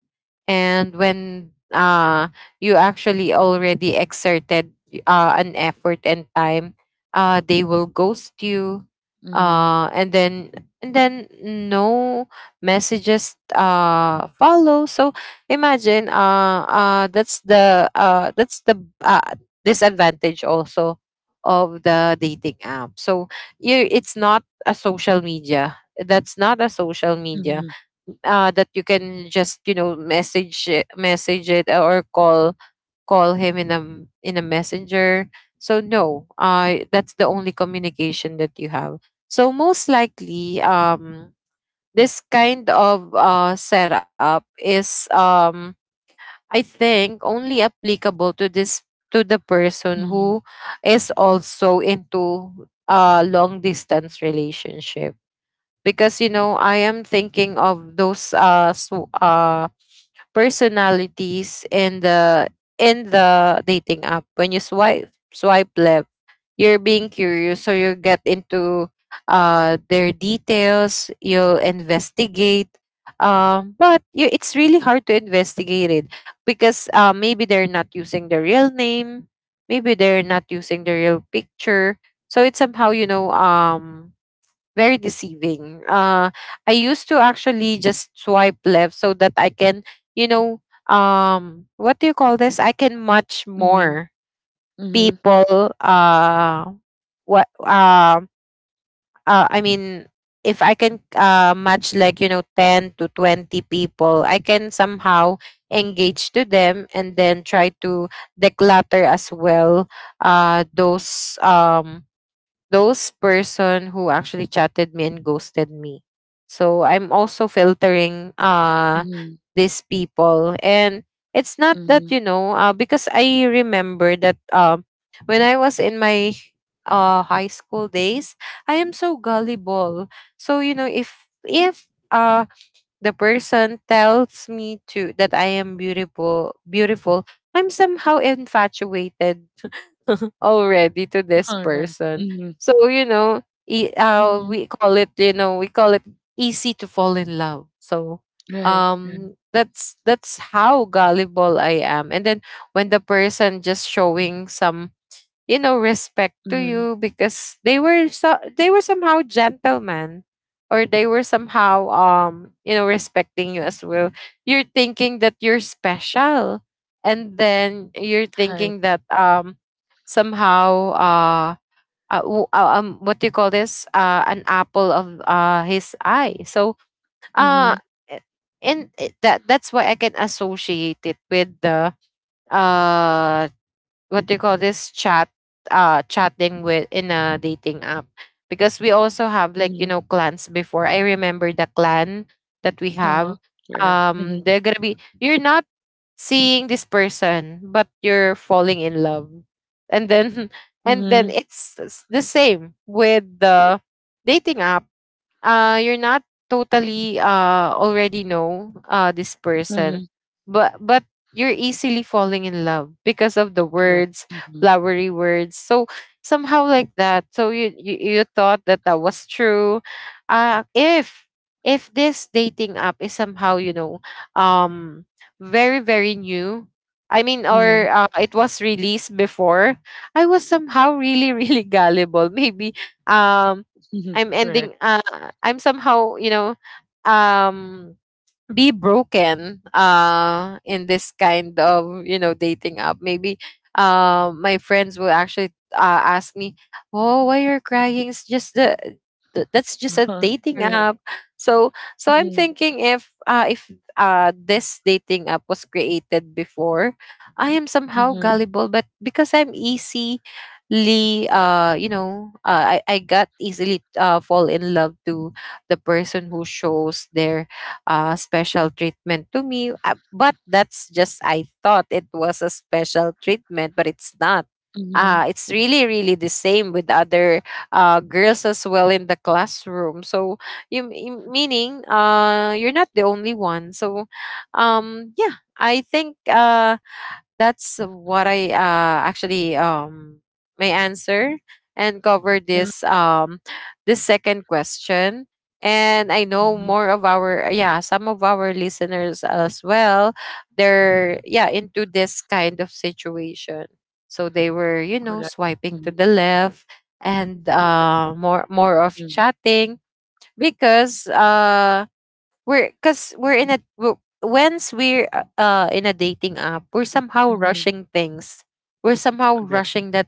Speaker 2: And when uh you actually already exerted uh, an effort and time, uh they will ghost you,
Speaker 1: mhm,
Speaker 2: uh and then and then no messages uh follow. So imagine uh uh that's the uh that's the uh, disadvantage also of the dating app. So you, it's not a social media, that's not a social media
Speaker 1: mhm,
Speaker 2: uh, that you can just you know message it- message it, uh, or call, call him in a m- in a messenger. So no, uh that's the only communication that you have. So most likely, um this kind of uh setup is um I think only applicable to this, to the person
Speaker 1: mhm,
Speaker 2: who is also into a long distance relationship. Because you know I am thinking of those uh so, uh personalities in the in the dating app. When you swipe swipe left, you're being curious, so you get into uh their details, you'll investigate. um but you, it's really hard to investigate it, because uh maybe they're not using the real name, maybe they're not using the real picture. So it's somehow you know um very deceiving. Uh, I used to actually just swipe left so that I can, you know, um, what do you call this? I can much
Speaker 1: mhm,
Speaker 2: more
Speaker 1: mhm,
Speaker 2: people. Uh, what? Uh, uh, I mean, if I can uh, match like you know ten to twenty people, I can somehow engage to them, and then try to declutter as well uh, those um those person who actually chatted me and ghosted me. So I'm also filtering uh
Speaker 1: mhm,
Speaker 2: these people. And it's not
Speaker 1: mhm, mhm.
Speaker 2: that you know, uh, because I remember that um when I was in my uh high school days, I am so gullible. So you know if if uh the person tells me to that I am beautiful beautiful, I'm somehow infatuated already to this
Speaker 1: All right.
Speaker 2: person.
Speaker 1: Mhm,
Speaker 2: So you know, e- uh,
Speaker 1: mhm.
Speaker 2: we call it you know we call it easy to fall in love. So
Speaker 1: Right, right.
Speaker 2: um that's that's how gullible I am. And then when the person just showing some you know respect to
Speaker 1: Mhm.
Speaker 2: you because they were so they were somehow gentlemen or they were somehow um you know respecting you as well, you're thinking that you're special, and then you're
Speaker 1: Right.
Speaker 2: thinking that um somehow uh, uh, w- uh, um what do you call this, uh an apple of uh his eye. So
Speaker 1: Mhm,
Speaker 2: uh i- and it- that that's why I can associate it with the uh what do you call this, chat, uh chatting with in a dating app. Because we also have, like, you
Speaker 1: mhm.
Speaker 2: know clans before. I remember the clan that we
Speaker 1: Uh-huh,
Speaker 2: have.
Speaker 1: correct. Mhm,
Speaker 2: Um they're gonna be, you're not seeing this person, but you're falling in love, and then and then
Speaker 1: mhm,
Speaker 2: it's s- the same with the dating app. Uh you're not totally uh already know uh this
Speaker 1: mhm,
Speaker 2: person, but but you're easily falling in love because of the
Speaker 1: correct.
Speaker 2: words,
Speaker 1: Mhm,
Speaker 2: flowery words. So somehow like that. So you you, you thought that that was true. uh if if this dating app is somehow, you know, um very very new, I mean,
Speaker 1: mhm,
Speaker 2: or uh, it was released before, I was somehow really really gullible maybe. um
Speaker 1: mhm,
Speaker 2: I'm
Speaker 1: correct.
Speaker 2: ending, uh, I'm somehow, you know, um, be broken uh in this kind of, you know, dating app maybe. Uh my friends will actually uh, ask me, oh, why you're crying, it's just the th- that's just a
Speaker 1: Uh-huh,
Speaker 2: dating
Speaker 1: correct.
Speaker 2: app. So, so I'm
Speaker 1: Mhm,
Speaker 2: thinking if uh if uh this dating app was created before, I am somehow
Speaker 1: mhm,
Speaker 2: gullible, but because I'm easily uh you know, uh, i i got easily uh fall in love to the person who shows their uh, special treatment to me. Uh, but that's just, I thought it was a special treatment, but it's not.
Speaker 1: mhm,
Speaker 2: Uh, it's really, really the same with other uh, girls as well in the classroom. So, you, you- meaning uh, you're not the only one. So, um, yeah, I think uh, that's what I uh, actually um my answer and cover
Speaker 1: yeah,
Speaker 2: this um this second question. And I know
Speaker 1: mhm,
Speaker 2: more of our, yeah, some of our listeners as well. They're, yeah, into this kind of situation, so they were, you know,
Speaker 1: correct.
Speaker 2: swiping to
Speaker 1: Mhm,
Speaker 2: the left and uh more more of
Speaker 1: mhm,
Speaker 2: chatting. Because uh we're, because we're in a w- once we're uh uh, in a dating app, we're somehow
Speaker 1: mhm,
Speaker 2: rushing things, we're somehow
Speaker 1: correct.
Speaker 2: rushing that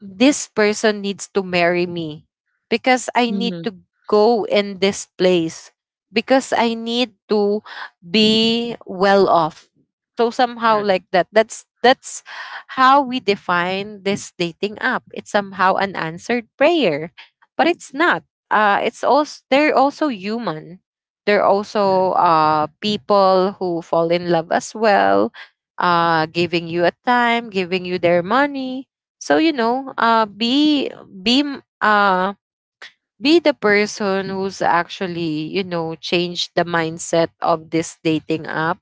Speaker 2: this person needs to marry me because I need
Speaker 1: Mhm,
Speaker 2: to go in this place, because I need to be well off. So somehow
Speaker 1: correct,
Speaker 2: like that. That's that's how we define this dating app. It's somehow an answered prayer, but it's not. Uh, it's also, they're also human. They're
Speaker 1: correct.
Speaker 2: also uh, people who fall in love as well, uh, giving you a time, giving you their money. So you know, uh, be be m- uh, be the person who's actually, you know, changed the mindset of this dating app.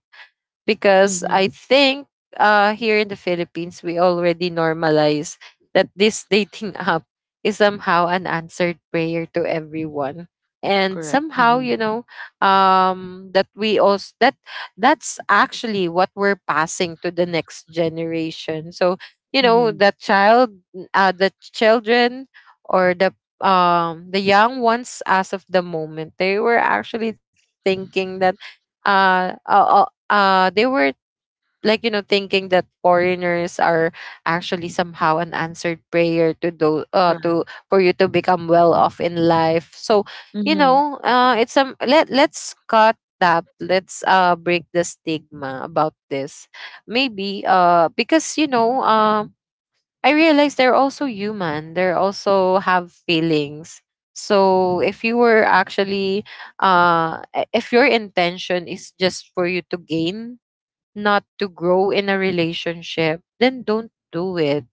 Speaker 2: Because
Speaker 1: Mhm,
Speaker 2: I think uh, here in the Philippines, we already normalize that this dating app is somehow an answered prayer to everyone. And
Speaker 1: correct.
Speaker 2: somehow,
Speaker 1: Mhm,
Speaker 2: you know, um, that we also that that's actually what we're passing to the next generation. So you know,
Speaker 1: mhm,
Speaker 2: the child, uh, the children, or the um the young ones as of the moment, they were actually thinking that uh, uh, uh, uh, they were, like, you know, thinking that foreigners are actually somehow an answered prayer to those uh,
Speaker 1: right.
Speaker 2: to for you to become well off in life. So you
Speaker 1: Mhm,
Speaker 2: know, uh it's some let, let's cut that, let's uh break the stigma about this. Maybe uh because you know um I realize they're also human, they also have feelings. So if you were actually uh i- if your intention is just for you to gain, not to grow in a relationship, then don't do it.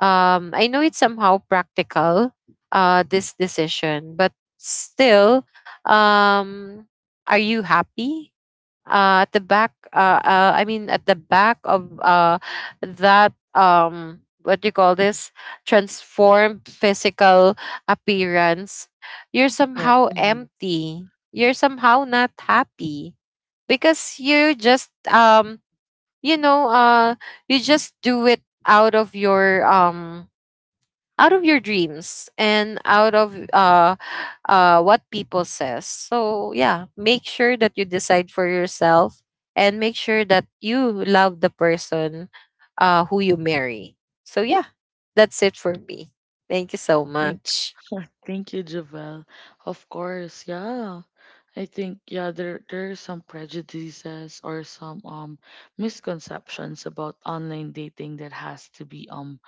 Speaker 2: Um, I know it's somehow practical, uh, this decision, but still, um, are you happy? Uh, at the back, uh, uh, I mean, at the back of uh, that, um, what do you call this? Transformed physical appearance, you're
Speaker 1: correct.
Speaker 2: somehow
Speaker 1: Mhm.
Speaker 2: empty. You're somehow not happy because you just um you know uh you just do it out of your um out of your dreams and out of uh uh what people says. So yeah, make sure that you decide for yourself, and make sure that you love the person uh who you marry. So yeah, that's it for me, thank you so
Speaker 1: Thank,
Speaker 2: much.
Speaker 1: thank you, Javel. Of course, yeah. I think yeah, there there are some prejudices or some um misconceptions about online dating that has to be um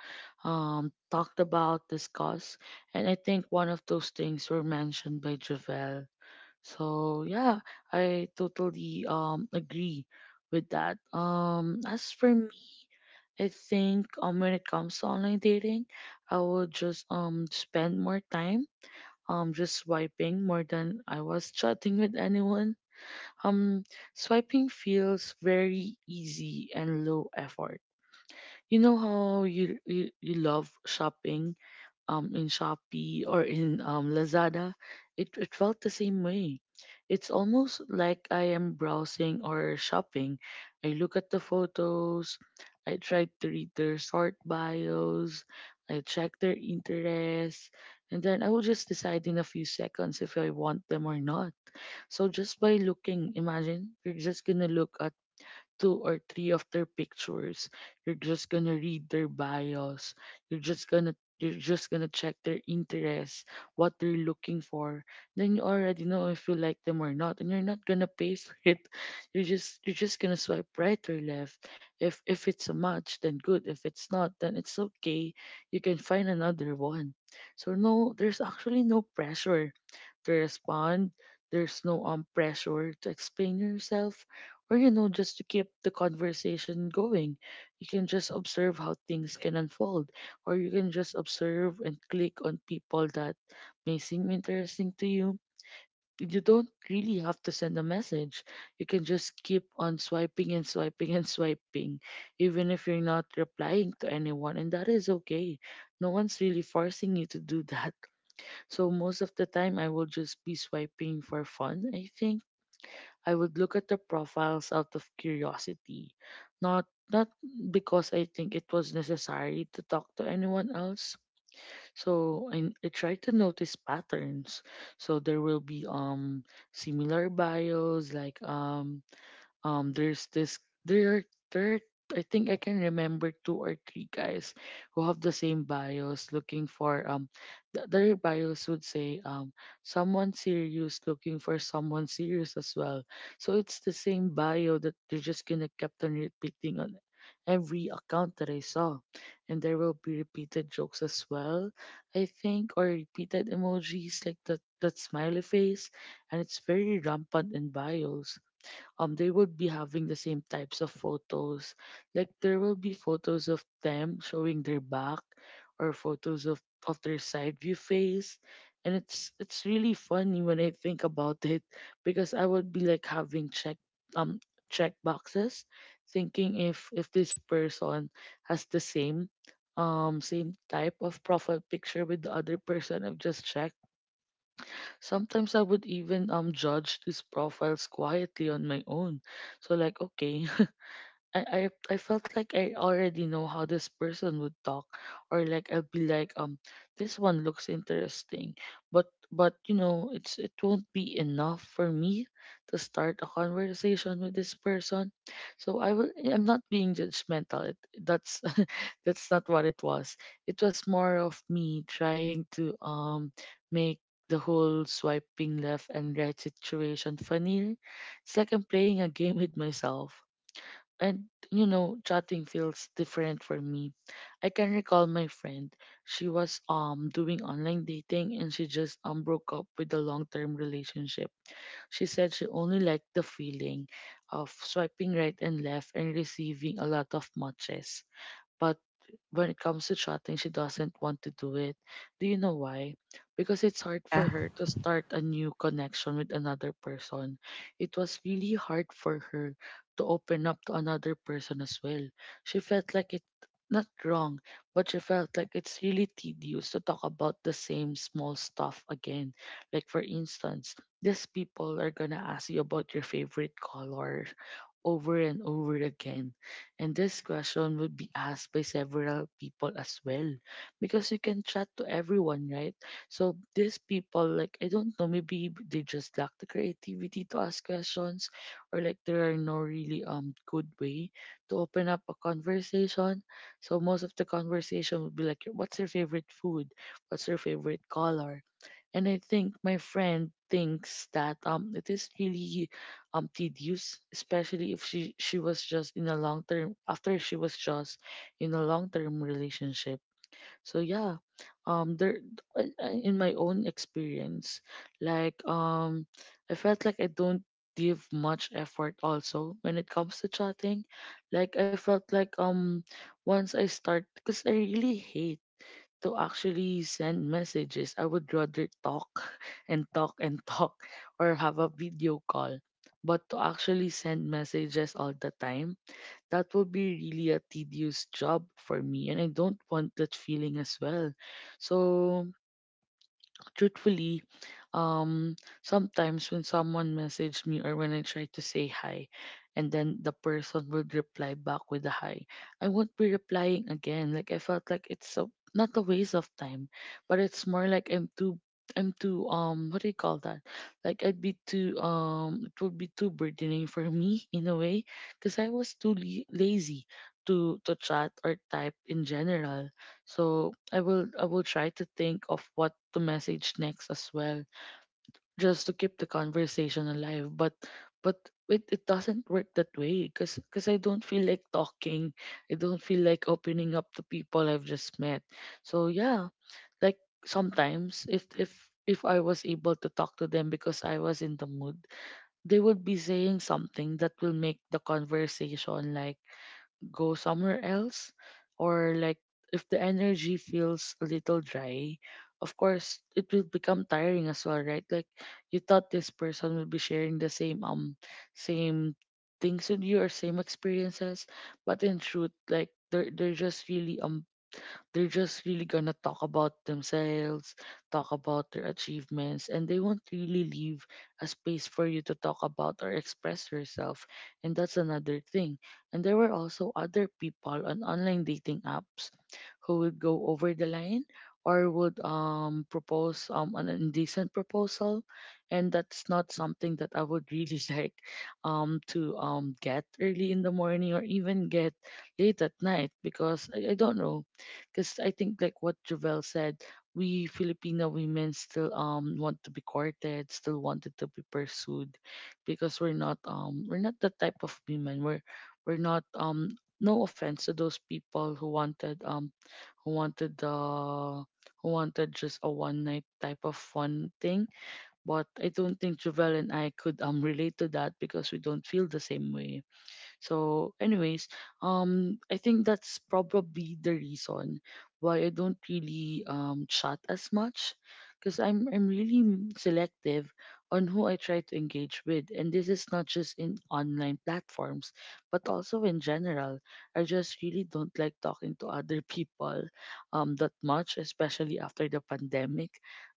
Speaker 1: um talked about, discussed, and I think one of those things were mentioned by Javel. So yeah, I totally um agree with that. Um, as for me. I think um when it comes to online dating, I would just um spend more time um just swiping more than I was chatting with anyone. Um Swiping feels very easy and low effort. You know how you you, you love shopping um, in Shopee or in um, Lazada, it, it felt the same way. It's almost like I am browsing or shopping. I look at the photos, I try to read their short bios, I check their interests, and then I will just decide in a few seconds if I want them or not. So just by looking, imagine you're just gonna look at two or three of their pictures. You're just gonna read their bios. You're just gonna you're just gonna check their interests, what they're looking for. Then you already know if you like them or not, and you're not gonna pay for it. You're just you're just gonna swipe right or left. If if it's a match, then good. If it's not, then it's okay. You can find another one. So no, there's actually no pressure to respond. There's no um pressure to explain yourself or you know just to keep the conversation going. You can just observe how things can unfold or you can just observe and click on people that may seem interesting to you. You don't really have to send a message. You can just keep on swiping and swiping and swiping even if you're not replying to anyone, and that is okay. No one's really forcing you to do that, so most of the time, I will just be swiping for fun. I think I would look at the profiles out of curiosity, not not because I think it was necessary to talk to anyone else. So I, I try to notice patterns. So there will be um similar bios, like um um there's this there are- there, I think, I can remember two or three guys who have the same bios, looking for um th- their bios would say um someone serious looking for someone serious as well. So it's the same bio that they're just gonna kept on repeating on every account that I saw. And there will be repeated jokes as well, I think, or repeated emojis, like that that smiley face, and it's very rampant in bios um they will be having the same types of photos. Like there will be photos of them showing their back, or photos of of their side view face. And it's it's really funny when I think about it, because I would be like having check um check boxes, thinking if if this person has the same um same type of profile picture with the other person I've just checked. Sometimes I would even um judge these profiles quietly on my own. So, like, okay, I, I I felt like I already know how this person would talk, or like I'll be like, um this one looks interesting, but but you know it's it won't be enough for me to start a conversation with this person. So I will I'm not being judgmental, it, that's that's not what It was it was more of me trying to um make the whole swiping left and right situation funnier. It's like I'm playing a game with myself. And you know, chatting feels different for me. I can recall my friend. She was um doing online dating, and she just um broke up with a long term relationship. She said she only liked the feeling of swiping right and left and receiving a lot of matches. But when it comes to chatting, she doesn't want to do it. Do you know why? Because it's hard for
Speaker 2: Yeah.
Speaker 1: her to start a new connection with another person. It was really hard for her to open up to another person as well. She felt like it, not wrong, but she felt like it's really tedious to talk about the same small stuff again. Like, for instance, these people are gonna ask you about your favorite color over and over again, and this question would be asked by several people as well, because you can chat to everyone, right? So these people, like, I don't know, maybe they just lack the creativity to ask questions, or like there are no really um good way to open up a conversation. So most of the conversation would be like, what's your favorite food? What's your favorite color? And I think my friend thinks that um it is really um tedious, especially if she she was just in a long term, after she was just in a long term relationship. So yeah, um, there I- I- in my own experience, like um, I felt like I don't give much effort also when it comes to chatting. Like I felt like um once I start, because I really hate to actually send messages. I would rather talk and talk and talk, or have a video call. But to actually send messages all the time, that would be really a tedious job for me. And I don't want that feeling as well. So truthfully, um, sometimes when someone messaged me, or when I try to say hi, and then the person would reply back with a hi, I won't be replying again. Like I felt like it's a, not a waste of time, but it's more like I'm too. I'm too um what do you call that? Like I'd be too um it would be too burdening for me in a way, because I was too le- lazy to to chat or type in general. So I will I will try to think of what to message next as well, just to keep the conversation alive. But but it, it doesn't work that way, because because I don't feel like talking. I don't feel like opening up to people I've just met. So yeah, like sometimes if if if I was able to talk to them because I was in the mood, they would be saying something that will make the conversation like go somewhere else. Or like, if the energy feels a little dry, of course it will become tiring as well, right? Like, you thought this person will be sharing the same um same things with you, or same experiences, but in truth, like they're, they're just really um they're just really gonna talk about themselves, talk about their achievements, and they won't really leave a space for you to talk about or express yourself. And that's another thing. And there were also other people on online dating apps who would go over the line, or would um propose um an indecent proposal, and that's not something that I would really like um to um get early in the morning, or even get late at night, because I, I don't know. Because I think, like what Javel said, we Filipino women still um want to be courted, still wanted to be pursued, because we're not um we're not the type of women. We're we're not um No offense to those people who wanted um who wanted the who wanted just a one night type of fun thing, but I don't think Javel and I could um relate to that, because we don't feel the same way. So, anyways, um, I think that's probably the reason why I don't really um chat as much, because I'm I'm really m- selective on who I try to engage with, and this is not just in online platforms, but also in general. I just really don't like talking to other people, um, that much, especially after the pandemic.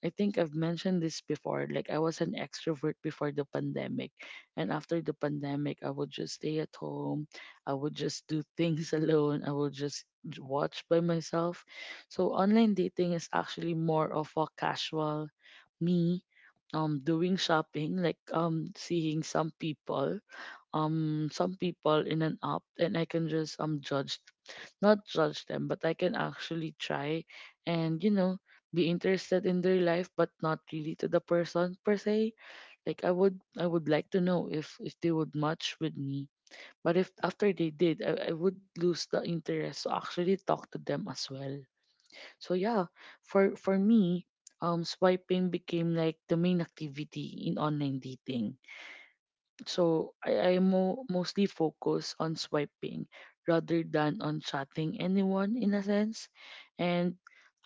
Speaker 1: I think I've mentioned this before. Like, I was an extrovert before the pandemic, and after the pandemic, I would just stay at home. I would just do things alone. I would just j- watch by myself. So online dating is actually more of a casual me um doing shopping, like um seeing some people, um some people in an app, and I can just um judge, not judge them, but I can actually try and, you know, be interested in their life, but not really to the person per se. Like I would I would like to know if if they would match with me. But if after they did, I, I would lose the interest to actually talk to them as well. So yeah, for for me, um swiping became like the main activity in online dating. So I, I mo- mostly focus on swiping rather than on chatting anyone in a sense. And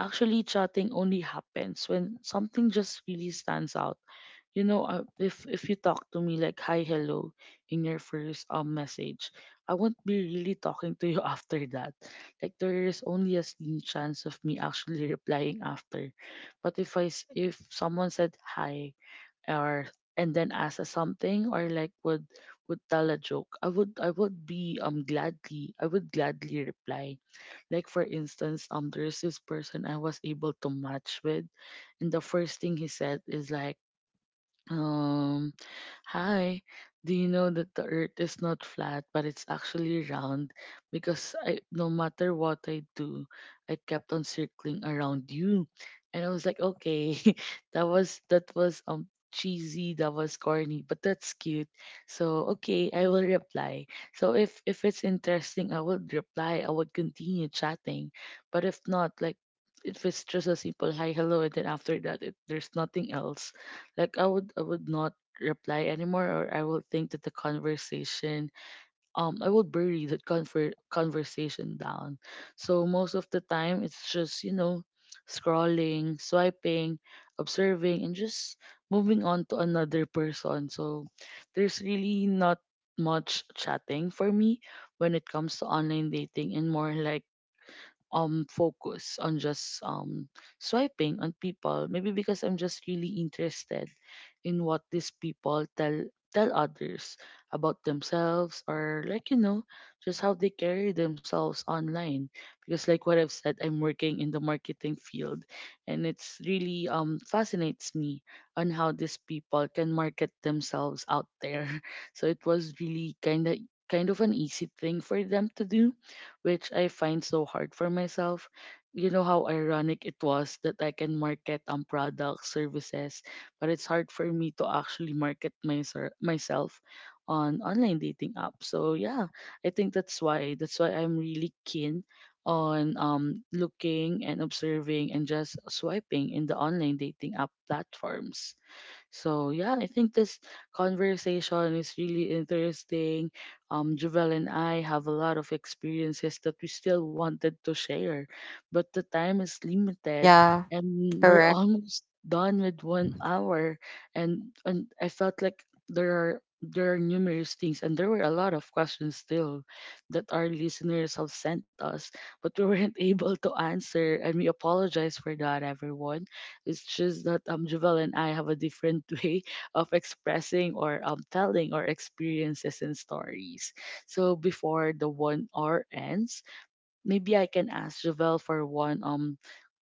Speaker 1: actually chatting only happens when something just really stands out. you know uh, if if you talk to me like hi hello in your first um message, I won't be really talking to you after that. Like there is only a slim chance of me actually replying after. But if i s- if someone said hi, or and then asked us something, or like would would tell a joke, i would i would be um gladly, I would gladly reply. Like for instance, um there's this person I was able to match with and the first thing he said is like, um "Hi, do you know that the earth is not flat, but it's actually round? Because I, no matter what I do, I kept on circling around you." And I was like, okay, that was that was um cheesy, that was corny, but that's cute. So okay, I will reply. So if if it's interesting, I would reply. I would continue chatting. But if not, like if it's just a simple hi hello and then after that it, there's nothing else. Like i would i would not reply anymore, or I will think that the conversation, um I will bury the conver- conversation down. So most of the time it's just, you know, scrolling, swiping, observing, and just moving on to another person. So there's really not much chatting for me when it comes to online dating, and more like um focus on just um swiping on people, maybe because I'm just really interested in what these people tell tell others about themselves, or like, you know, just how they carry themselves online. Because like what I've said, I'm working in the marketing field, and it's really um fascinates me on how these people can market themselves out there. So it was really kind of kind of an easy thing for them to do, which I find so hard for myself. You know how ironic it was that I can market um products, services, but it's hard for me to actually market my myself myself on online dating apps. So yeah, I think that's why that's why I'm really keen on um looking and observing and just swiping in the online dating app platforms. So yeah, I think this conversation is really interesting. Um, Jovel and I have a lot of experiences that we still wanted to share, but the time is limited,
Speaker 2: Yeah,
Speaker 1: and we're
Speaker 2: correct.
Speaker 1: almost done with one hour. And and I felt like there are there are numerous things, and there were a lot of questions still that our listeners have sent us, but we weren't able to answer, and we apologize for that, everyone. It's just that um, Jovel and I have a different way of expressing or um, telling our experiences and stories. So before the one hour ends, maybe I can ask Jovel for one um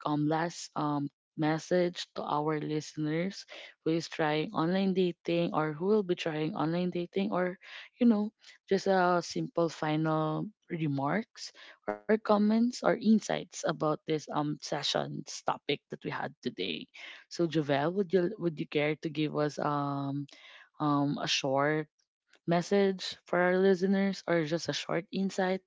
Speaker 1: um last um message to our listeners who is trying online dating or who will be trying online dating, or you know, just a simple final remarks or comments or insights about this um session's topic that we had today. So Javel, would you would you care to give us um um a short message for our listeners or just a short insight?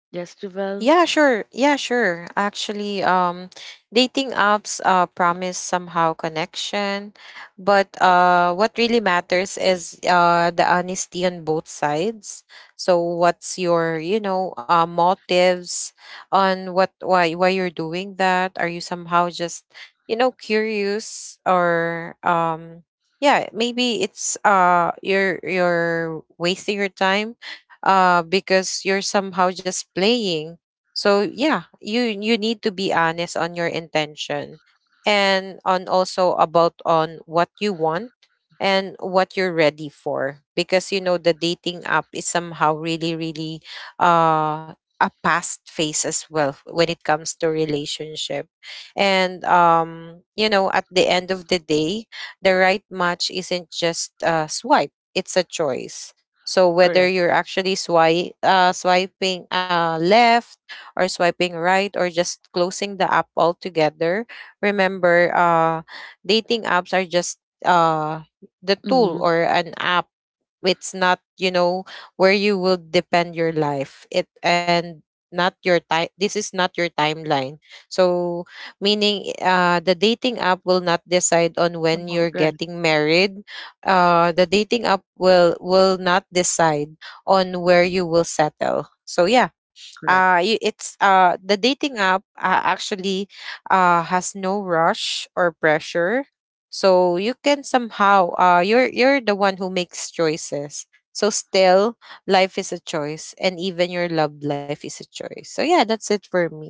Speaker 1: Yes, Javel.
Speaker 2: Yeah, sure. Yeah, sure. Actually, um, dating apps uh, promise somehow connection, but uh, what really matters is uh, the honesty on both sides. So, what's your, you know, uh, motives on what, why why you're doing that? Are you somehow just, you know, curious or um, yeah, maybe it's uh you're you're wasting your time uh because you're somehow just playing. So yeah, you you need to be honest on your intention, and on also about on what you want and what you're ready for. Because you know the dating app is somehow really, really uh a past phase as well when it comes to relationship. And um you know, at the end of the day, the right match isn't just a swipe, it's a choice. So whether
Speaker 1: Correct.
Speaker 2: you're actually swipe uh, swiping uh, left, or swiping right, or just closing the app altogether. Remember, uh, dating apps are just uh, the tool
Speaker 1: Mm-hmm.
Speaker 2: or an app. It's not, you know, where you will depend your life. It and not your time, this is not your timeline. So meaning uh the dating app will not decide on when
Speaker 1: Oh,
Speaker 2: you're
Speaker 1: right,
Speaker 2: getting married. Uh, the dating app will will not decide on where you will settle. So yeah, uh
Speaker 1: correct.
Speaker 2: you, it's uh the dating app, uh, actually, uh has no rush or pressure. So you can somehow uh you're you're the one who makes choices. So still, life is a choice, and even your love life is a choice. So yeah, that's it for me.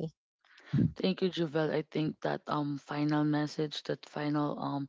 Speaker 1: Thank you, Javel. I think that um final message, that final um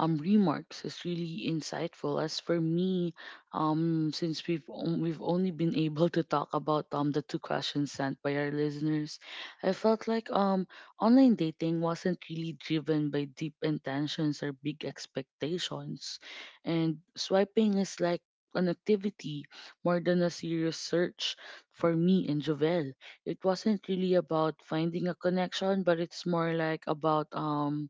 Speaker 1: um remarks is really insightful. As for me, um since we've on- we've only been able to talk about um the two questions sent by our listeners, I felt like um online dating wasn't really driven by deep intentions or big expectations, and swiping is like an activity more than a serious search. For me and Javel, it wasn't really about finding a connection, but it's more like about um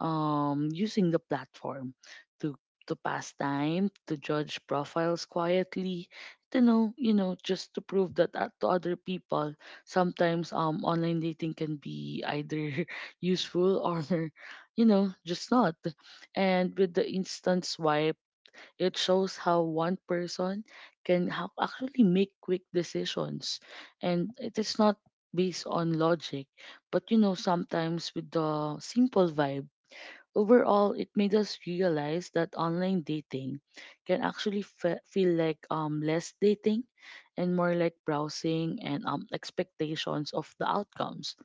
Speaker 1: um using the platform to to pass time, to judge profiles quietly, to know, you know, just to prove that uh, to other people sometimes um online dating can be either useful or, you know, just not. And with the instant swipe, it shows how one person can ho- actually make quick decisions. And it is not based on logic, but you know, sometimes with the simple vibe. Overall, it made us realize that online dating can actually fe- feel like um, less dating and more like browsing and um, expectations of the outcomes.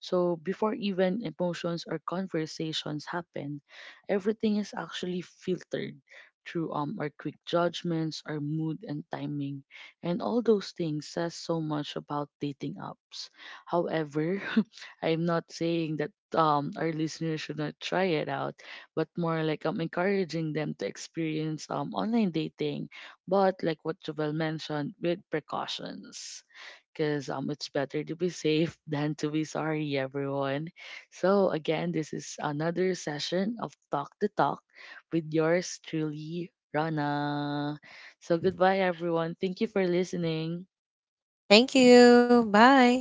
Speaker 1: So before even emotions or conversations happen, everything is actually filtered through um our quick judgments, our mood, and timing. And all those things says so much about dating apps. However, I'm not saying that um our listeners should not try it out, but more like I'm encouraging them to experience um online dating, but like what Jovel mentioned, with precautions, because um, it's better to be safe than to be sorry, everyone. So, again, this is another session of Talk the Talk, with yours truly, Rana. So, goodbye, everyone. Thank you for listening.
Speaker 2: Thank you. Bye.